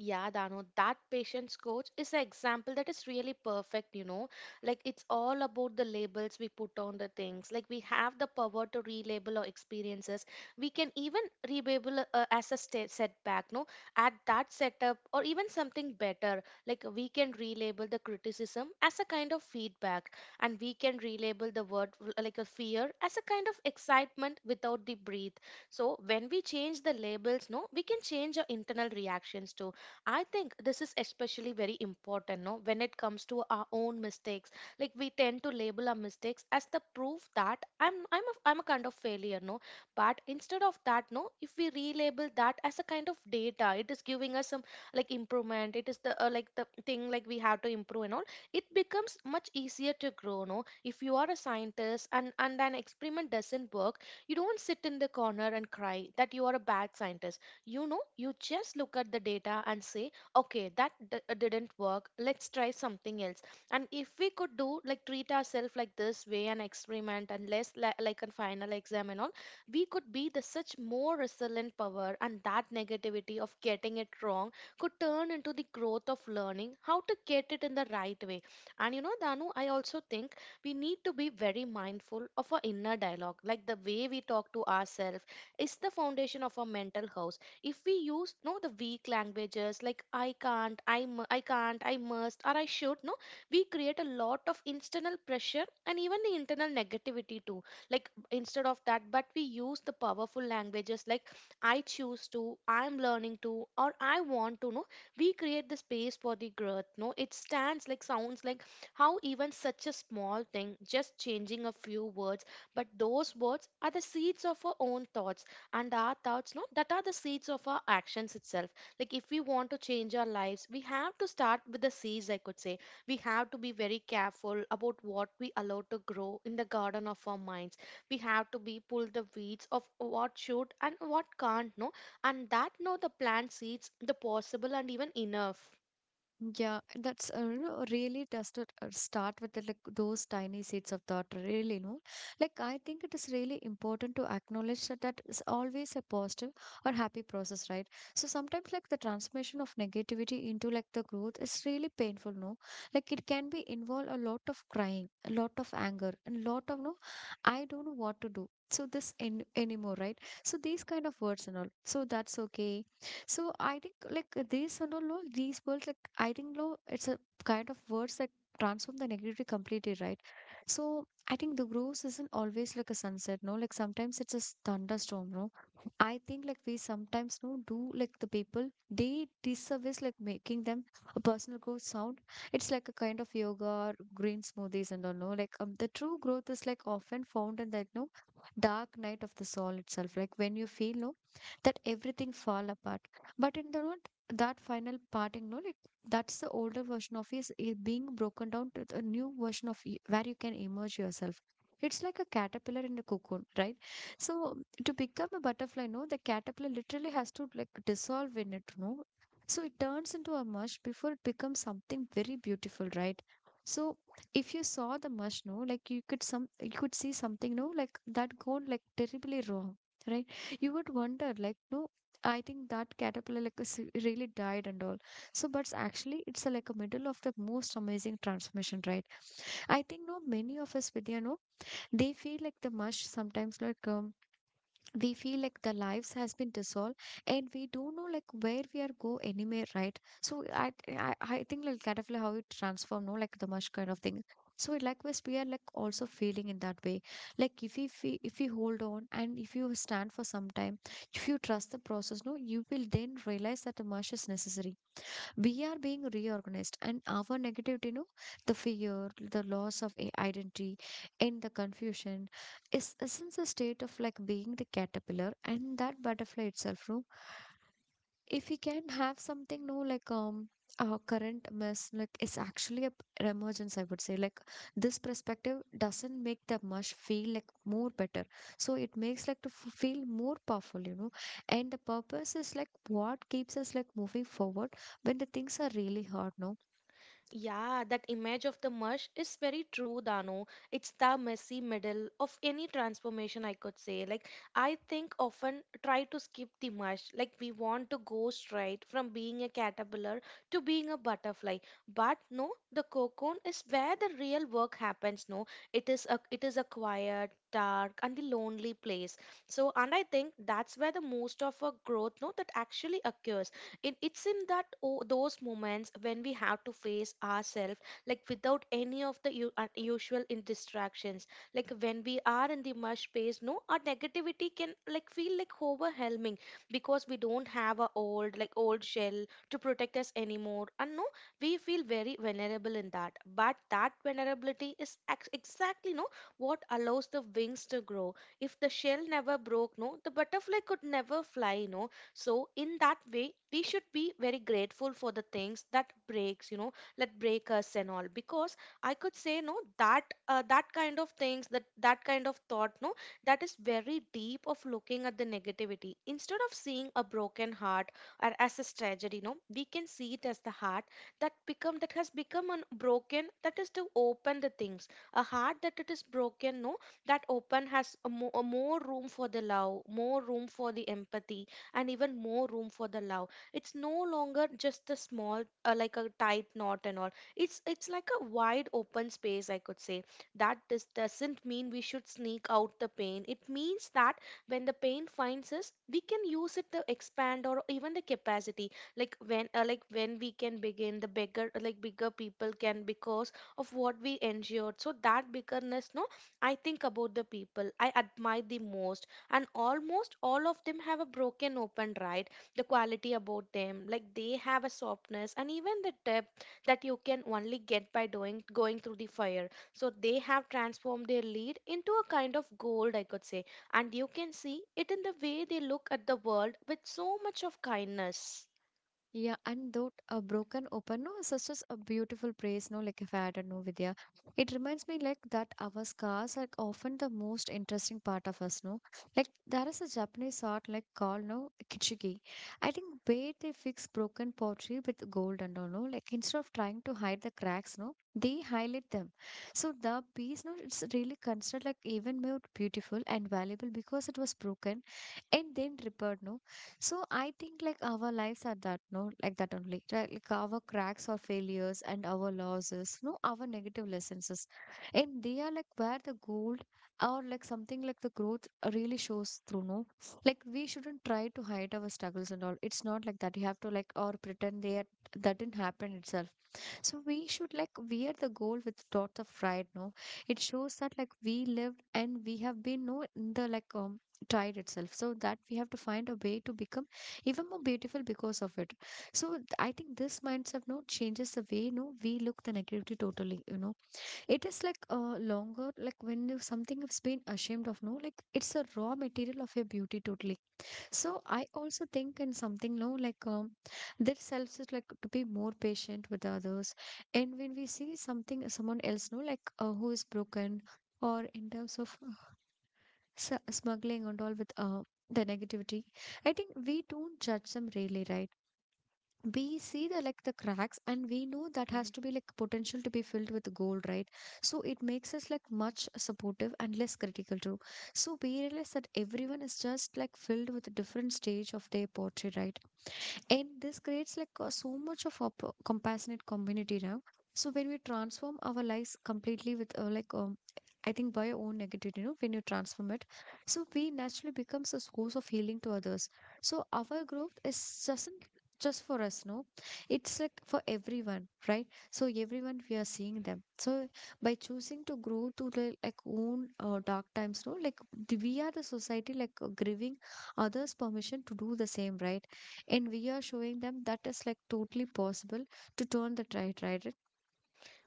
Speaker 2: Yeah, Dano, that patience coach is an example that is really perfect, you know. Like it's all about the labels we put on the things. Like we have the power to relabel our experiences. We can even relabel uh, as a sta setback, no? At that setup or even something better. Like we can relabel the criticism as a kind of feedback, and we can relabel the word uh, like a fear as a kind of excitement without the breathe. So when we change the labels, no, we can change our internal reactions too. I think this is especially very important, no, when it comes to our own mistakes. Like we tend to label our mistakes as the proof that I'm I'm a, I'm a kind of failure, no. But instead of that, no, if we relabel that as a kind of data, it is giving us some like improvement. It is the uh, like the thing like we have to improve and all. It becomes much easier to grow, no. If you are a scientist and and an experiment doesn't work, you don't sit in the corner and cry that you are a bad scientist. You know, you just look at the data and say, okay, that d- uh, didn't work. Let's try something else. And if we could do like treat ourselves like this way and experiment and less li- like a final exam and all, we could be the such more resilient power. And that negativity of getting it wrong could turn into the growth of learning how to get it in the right way. And you know, Danu, I also think we need to be very mindful of our inner dialogue, like the way we talk to ourselves is the foundation of our mental health. If we use no the weak languages like I can't, i mu- I can't, I must, or I should, no, we create a lot of internal pressure and even the internal negativity too. Like instead of that, but we use the powerful languages like I choose to, I'm learning to, or I want to, no, we create the space for the growth. No, it stands like sounds like how even such a small thing, just changing a few words. But those words are the seeds of our own thoughts, and our thoughts, no, that are the seeds of our actions itself. Like if we want to change our lives, we have to start with the seeds, I could say. We have to be very careful about what we allow to grow in the garden of our minds. We have to be pull the weeds of what should and what can't, no, and that no the plant seeds the possible and even enough.
Speaker 1: Yeah, that's uh, you know, really does to uh, start with the, like those tiny seeds of thought. Really, no, like I think it is really important to acknowledge that that is always a positive or happy process, right? So sometimes, like the transformation of negativity into like the growth is really painful, no? Like it can be involve a lot of crying, a lot of anger, and a lot of no, I don't know what to do. So this in anymore, right? So these kind of words and all. So that's okay. So I think like these and all, no, these words like I think, no, it's a kind of words that transform the negativity completely, right? So I think the growth isn't always like a sunset, no. Like sometimes it's a s- thunderstorm, no. I think like we sometimes no do like the people they disservice like making them a personal growth sound. It's like a kind of yoga or green smoothies and all, no. Like um, the true growth is like often found in that no dark night of the soul itself. Like when you feel, no, that everything fall apart but in the note, that final parting note, it, that's the older version of is is being broken down to the new version of y- where you can emerge yourself. It's like a caterpillar in a cocoon, right? So to become a butterfly, no, the caterpillar literally has to like dissolve in it, no. So it turns into a mush before it becomes something very beautiful, right? So if you saw the mush, no, like you could some you could see something, no, like that gone like terribly wrong, right? You would wonder, like, no, I think that caterpillar like is really died and all. So, but s- actually, it's a, like a middle of the most amazing transformation, right? I think, no, many of us, Vidya, no, they feel like the mush sometimes like um, we feel like the lives has been dissolved and we don't know like where we are go anywhere, right? So i i, I think like kind of like how it transform, no, like the mush kind of thing. So likewise we are like also feeling in that way. Like if we fe- if we hold on and if you stand for some time, if you trust the process, no, you will then realize that the mush is necessary. We are being reorganized and our negativity, you know, the fear, the loss of i- identity and the confusion is isn't a state of like being the caterpillar and that butterfly itself, no? If we can have something, no, like um our current mess, like it's actually a p- an emergence, I would say. Like this perspective doesn't make the mush feel like more better, so it makes like to f- feel more powerful, you know. And the purpose is like what keeps us like moving forward when the things are really hard, no.
Speaker 2: Yeah, that image of the mush is very true, Dano. It's the messy middle of any transformation, I could say. Like, I think often try to skip the mush. Like, we want to go straight from being a caterpillar to being a butterfly. But no, the cocoon is where the real work happens. No, it is a it is a quiet, dark, and the lonely place. So, and I think that's where the most of our growth, no, that actually occurs in it's in that oh, those moments when we have to face ourselves like without any of the u- unusual in distractions. Like when we are in the mush space, no, our negativity can like feel like overwhelming because we don't have a old like old shell to protect us anymore. And no, we feel very vulnerable in that. But that vulnerability is ex- exactly, no, what allows the wings to grow. If the shell never broke, no, the butterfly could never fly, no. So in that way, we should be very grateful for the things that breaks, you know, that break us and all. Because I could say no that uh, that kind of things, that that kind of thought, no, that is very deep of looking at the negativity. Instead of seeing a broken heart or as a tragedy, no, we can see it as the heart that become that has become un- broken, that is to open the things, a heart that it is broken, no, that open has a mo- a more room for the love, more room for the empathy, and even more room for the love. It's no longer just the small uh, like a tight knot and all. it's it's like a wide open space, I could say. That this doesn't mean we should sneak out the pain. It means that when the pain finds us, we can use it to expand or even the capacity. Like when uh, like when we can begin the bigger like bigger people can because of what we endured. So that biggerness, no, I think about the people I Admire the most, and almost all of them have a broken open, right? The quality about them, like they have a softness and even the depth that you can only get by doing going through the fire. So they have transformed their lead into a kind of gold, I could say. And you can see it in the way they look at the world with so much of kindness.
Speaker 1: Yeah, and though a broken open, no, such as a beautiful praise, no, like if I had a no Vidya. It reminds me like that our scars are often the most interesting part of us, no? Like there is a Japanese art like called no kitsugi. I think where they fix broken pottery with gold and all, no, like instead of trying to hide the cracks, no, they highlight them. So the piece, no, it's really considered like even more beautiful and valuable because it was broken and then repaired, no? So I think like our lives are that no like that only, right? Like our cracks or failures and our losses, no, our negative lessons is- and they are like where the gold or like something like the growth really shows through, no. Like we shouldn't try to hide our struggles and all, it's not like that you have to like or pretend they are, that didn't happen itself. So we should like wear the gold with dot of pride, no. It shows that like we lived and we have been no in the like um, tried itself, so that we have to find a way to become even more beautiful because of it. So th- I think this mindset no changes the way no we look the negativity totally, you know. It is like uh, longer like when you something has been ashamed of, no, like it's a raw material of your beauty totally. So I also think in something, no, like um this self is like to be more patient with others. And when we see something someone else, no, like uh, who is broken or in terms of uh, s- smuggling and all with uh, the negativity, I think we don't judge them really, right? We see the like the cracks and we know that has
Speaker 2: Mm-hmm.
Speaker 1: to be like potential to be filled with gold, right? So it makes us like much supportive and less critical too. So we realize that everyone is just like filled with a different stage of their poetry, right? And this creates like uh, so much of a p- compassionate community now. So when we transform our lives completely with uh, like um, I think by your own negativity, you know, when you transform it, so we naturally becomes a source of healing to others. So our growth is doesn't just for us, no, it's like for everyone, right? So everyone we are seeing them. So by choosing to grow through the like own uh, dark times, no, like th- we are the society like uh, giving others permission to do the same, right? And we are showing them that is like totally possible to turn the tide, right? It-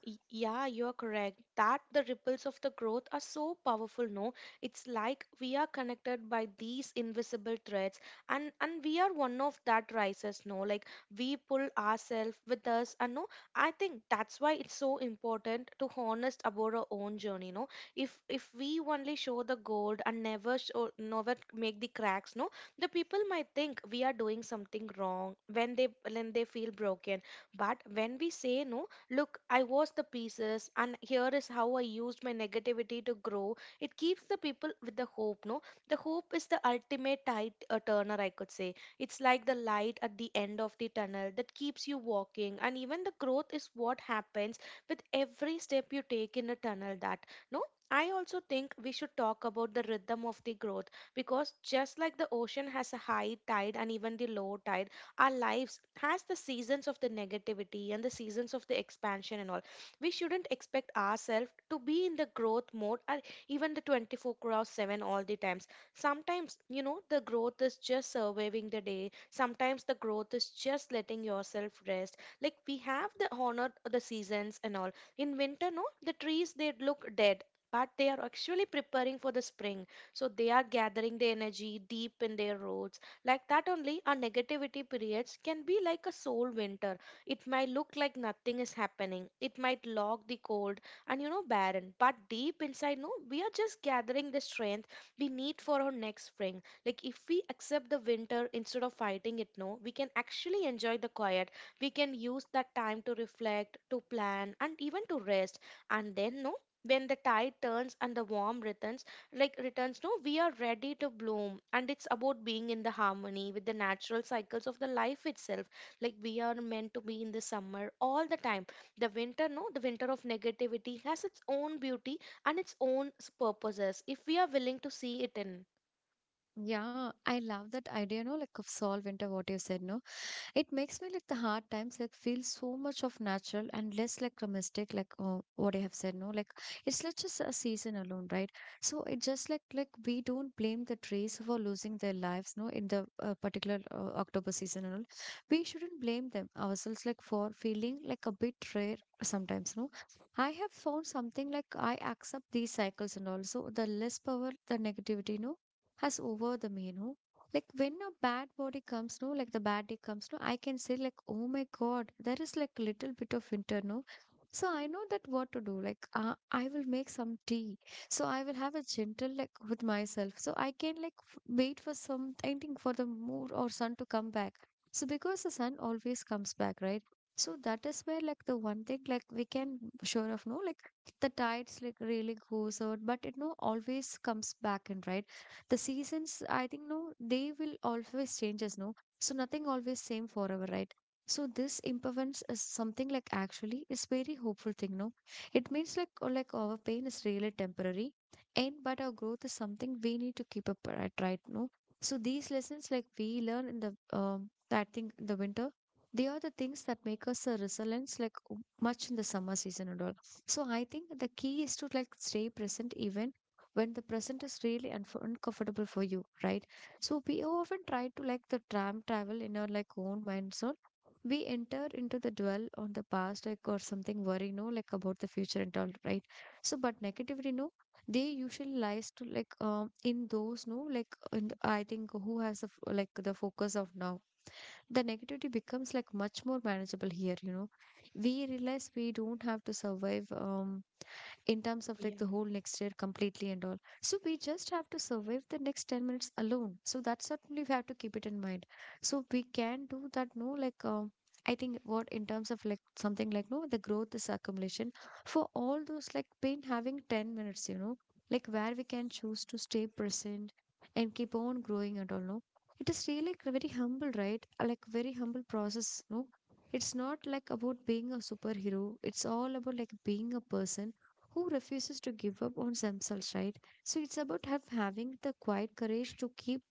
Speaker 2: Y- Yeah, you're correct. That the ripples of the growth are so powerful, no? It's like we are connected by these invisible threads, and and we are one of that rises, no? Like we pull ourselves with us and, no, I think that's why it's so important to honest about our own journey, no? If if we only show the gold and never show, never make the cracks, no, the people might think we are doing something wrong when they when they feel broken. But when we say no, look, I watched the pieces, and here is how I used my negativity to grow. It keeps the people with the hope, no? The hope is the ultimate tide uh, turner, I could say. It's like the light at the end of the tunnel that keeps you walking, and even the growth is what happens with every step you take in a tunnel. That, no? I also think we should talk about the rhythm of the growth, because just like the ocean has a high tide and even the low tide, our lives has the seasons of the negativity and the seasons of the expansion and all. We shouldn't expect ourselves to be in the growth mode or even the twenty-four hours seven all the times. Sometimes, you know, the growth is just surviving the day. Sometimes the growth is just letting yourself rest. Like we have the honor the seasons and all. In winter, no, the trees they look dead, but they are actually preparing for the spring, so they are gathering the energy deep in their roots. Like that only, our negativity periods can be like a soul winter. It might look like nothing is happening. It might lock the cold and, you know, barren. But deep inside, no, we are just gathering the strength we need for our next spring. Like if we accept the winter instead of fighting it, no, we can actually enjoy the quiet. We can use that time to reflect, to plan, and even to rest. And then, no, when the tide turns and the warm returns, like returns, no, we are ready to bloom. And it's about being in the harmony with the natural cycles of the life itself. Like we are meant to be in the summer all the time. The winter, no, the winter of negativity has its own beauty and its own s- purposes, if we are willing to see it in.
Speaker 1: Yeah, I love that idea, no, like of solve winter, what you said, no? It makes me like the hard times like feel so much of natural and less like a mistake like uh, what i have said, no, like it's not just a season alone, right? So it just like like we don't blame the trees for losing their lives, no, in the uh, particular uh, october season and all, we shouldn't blame them ourselves like for feeling like a bit rare sometimes, no. I have found something like i accept these cycles and also the less power the negativity, no, has over the me, no. Like when a bad body comes, no, like the bad day comes, no, i can say like oh my god, there is like little bit of winter, no. So i know that what to do, like uh, i will make some tea, so i will have a gentle like with myself, so i can like f- wait for some I think for the moon or sun to come back. So because the sun always comes back, right? So that is where like the one thing like we can sure of, no, like the tides like really goes out but it no always comes back in, right? The seasons, I think, no, they will always change us, no. So nothing always same forever, right? So this impermanence is something like actually is very hopeful thing, no. It means like or like our pain is really temporary, and but our growth is something we need to keep up, right, right, no. So these lessons like we learn in the um that thing in the winter, they are the things that make us a resilience like much in the summer season and all. So I think the key is to like stay present even when the present is really unf uncomfortable for you, right? So we often try to like the tram travel in our like own mind. So we enter into the dwell on the past, like or something worrying, no, like about the future and all, right? So but negativity, no, they usually lies to like um in those, no, like in the, I think who has the f- like the focus of now. The negativity becomes like much more manageable here, you know. We realize we don't have to survive um in terms of like the
Speaker 2: Yeah.
Speaker 1: whole next year completely and all. So we just have to survive the next ten minutes alone. So that's certainly we have to keep it in mind. So we can do that, no, like, um, I think what in terms of like something like, no, the growth is accumulation for all those like been having ten minutes, you know, like where we can choose to stay present and keep on growing and all, no. It is really like very humble, right? Uh, Like very humble process, no? It's not like about being a superhero. It's all about like being a person who refuses to give up on themselves, right? So it's about have having the quiet courage to keep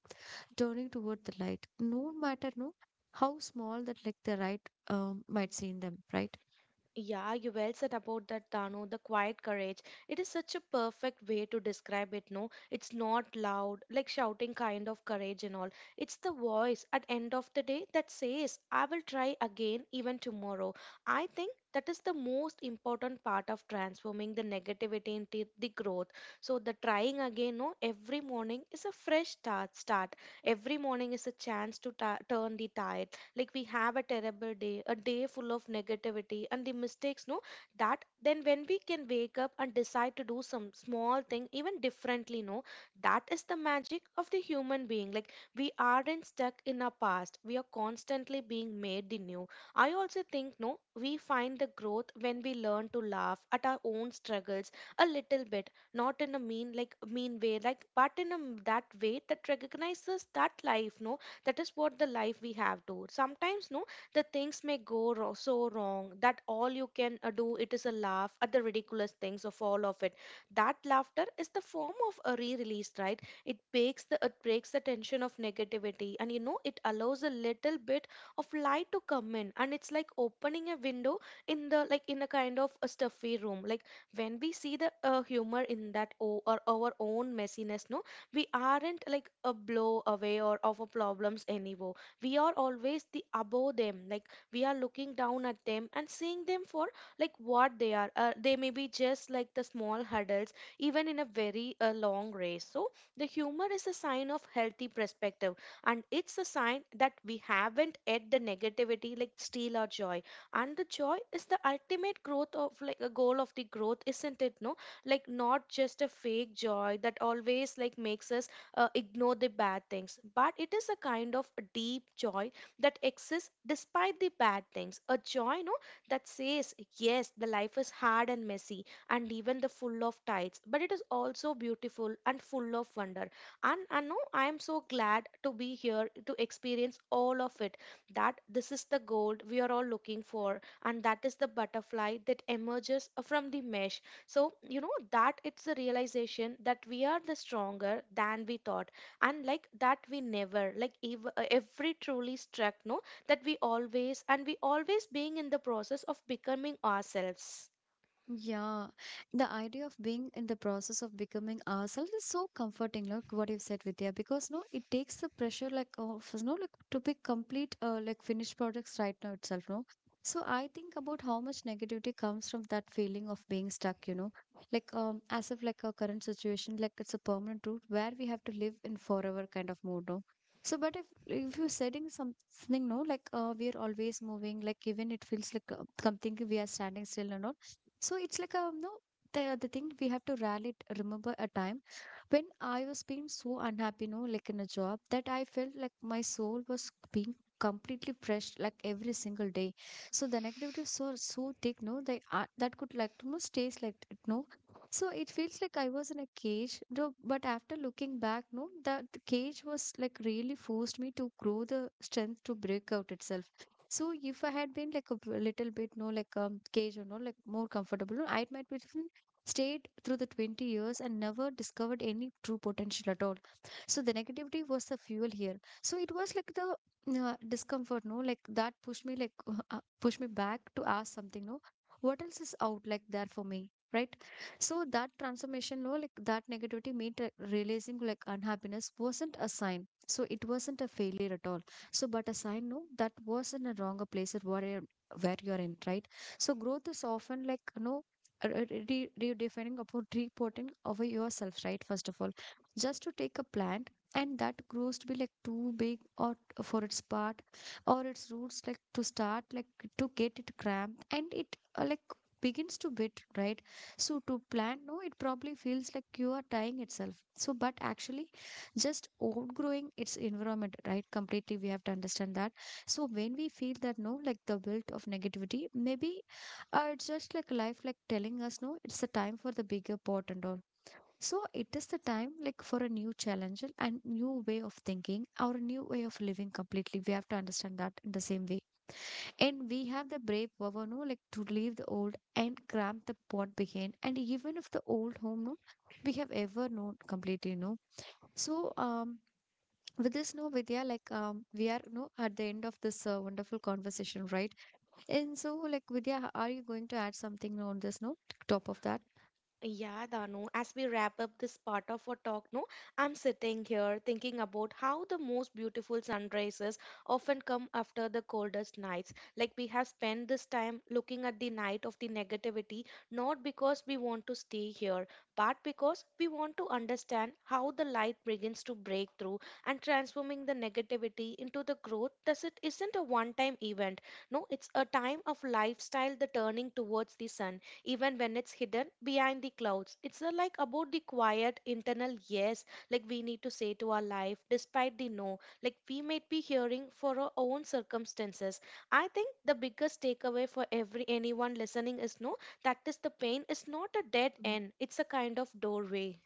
Speaker 1: turning toward the light, no matter no how small that like the right um, might seem them, right?
Speaker 2: Yeah, you well said about that, Dano, the quiet courage. It is such a perfect way to describe it, no? It's not loud, like shouting kind of courage and all. It's the voice at end of the day that says, I will try again even tomorrow. I think that is the most important part of transforming the negativity into the growth. So the trying again, no, every morning is a fresh start start. Every morning is a chance to ta- turn the tide. Like we have a terrible day, a day full of negativity and the mistakes, no, that then when we can wake up and decide to do some small thing even differently, no, that is the magic of the human being. Like we aren't stuck in our past, we are constantly being made the new. I also think, no, we find the growth when we learn to laugh at our own struggles a little bit. Not in a mean like mean way, like, but in a m- that way that recognizes that life, no, that is what the life we have to sometimes, no, the things may go ro- so wrong that all you can uh, do it is a laugh at the ridiculous things of all of it. That laughter is the form of a re-release, right? It breaks the it breaks the tension of negativity, and, you know, it allows a little bit of light to come in. And it's like opening a window in the, like, in a kind of a stuffy room. Like when we see the uh, humor in that, o- or our own messiness, no, we aren't like a blow away or of our problems anymore. We are always the above them. Like we are looking down at them and seeing them for like what they are. Uh, they may be just like the small hurdles even in a very uh, long race. So the humor is a sign of healthy perspective, and it's a sign that we haven't let the negativity like steal our joy. And the joy is the ultimate growth of, like, a goal of the growth, isn't it, no? Like not just a fake joy that always like makes us uh, ignore the bad things, but it is a kind of a deep joy that exists despite the bad things. A joy, no, that says yes, the life is hard and messy and even the full of tides, but it is also beautiful and full of wonder. And I know I am so glad to be here to experience all of it. That this is the gold we are all looking for, and that is the butterfly that emerges from the mesh. So, you know, that it's a realization that we are the stronger than we thought. And like that, we never, like ev- uh, every truly struck, no, that we always, and we always being in the process of becoming ourselves.
Speaker 1: Yeah, the idea of being in the process of becoming ourselves is so comforting. Look what you've said, Vidya, because no, it takes the pressure like of no, like to be complete, uh, like finished products right now itself. No, so I think about how much negativity comes from that feeling of being stuck. You know, like um, as if like our current situation, like it's a permanent route where we have to live in forever kind of mode. No. So, but if if you're setting something, no, like uh, we are always moving, like even it feels like uh, something we are standing still or not. So it's like um no the the thing we have to rally remember a time when I was being so unhappy, no, like in a job, that I felt like my soul was being completely fresh like every single day. So the negativity is so so thick no they uh, that could like almost taste like it no. So it feels like I was in a cage no but after looking back no that cage was like really forced me to grow the strength to break out itself. So if I had been like a b- little bit no like um cage or no like more comfortable no, I might be stayed through the twenty years and never discovered any true potential at all. So the negativity was the fuel here. So it was like the uh, discomfort no like that pushed me like *laughs* uh, pushed me back to ask something no, what else is out like there for me right. So that transformation no like that negativity made re- realizing like unhappiness wasn't a sign, so it wasn't a failure at all. So but a sign no that was in a wronger place at where, where you're in right. So growth is often like no uh, uh, re- redefining about reporting over yourself right first of all. Just to take a plant and that grows to be like too big or t- for its part or its roots like to start like to get it cramped and it uh, like begins to bit right. So to plant no it probably feels like you are dying itself so but actually just outgrowing its environment right completely, we have to understand that. So when we feel that no like the built of negativity maybe uh, it's just like life, like telling us, no, it's the time for the bigger pot and all. So it is the time, like for a new challenge and new way of thinking or a new way of living completely. We have to understand that in the same way, and we have the brave power, no, like to leave the old and cramp the pot behind. And even if the old home, no, we have ever known completely, no. So um, with this, no, Vidya, like um, we are, no, at the end of this uh, wonderful conversation, right? And so, like, Vidya, are you going to add something on this note, top of that?
Speaker 2: Yeah, Danu, as we wrap up this part of our talk, no, I'm sitting here thinking about how the most beautiful sunrises often come after the coldest nights. Like we have spent this time looking at the night of the negativity, not because we want to stay here, but because we want to understand how the light begins to break through and transforming the negativity into the growth. Thus, it isn't a one time event. No, it's a time of lifestyle, the turning towards the sun even when it's hidden behind the clouds. It's uh, like about the quiet internal yes, like we need to say to our life despite the no, like we might be hearing for our own circumstances. I think the biggest takeaway for every anyone listening is no, that is the pain is not a dead
Speaker 1: Yeah.
Speaker 2: end, it's a kind of doorway.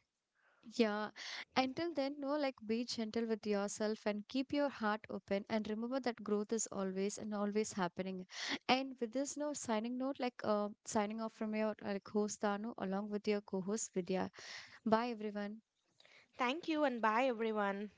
Speaker 1: Yeah. Until then, no, like, be gentle with yourself and keep your heart open. And remember that growth is always and always happening. And with this, no, signing note, like, uh, signing off from your uh, like host Danu along with your co-host Vidya. Bye, everyone.
Speaker 2: Thank you, and bye everyone.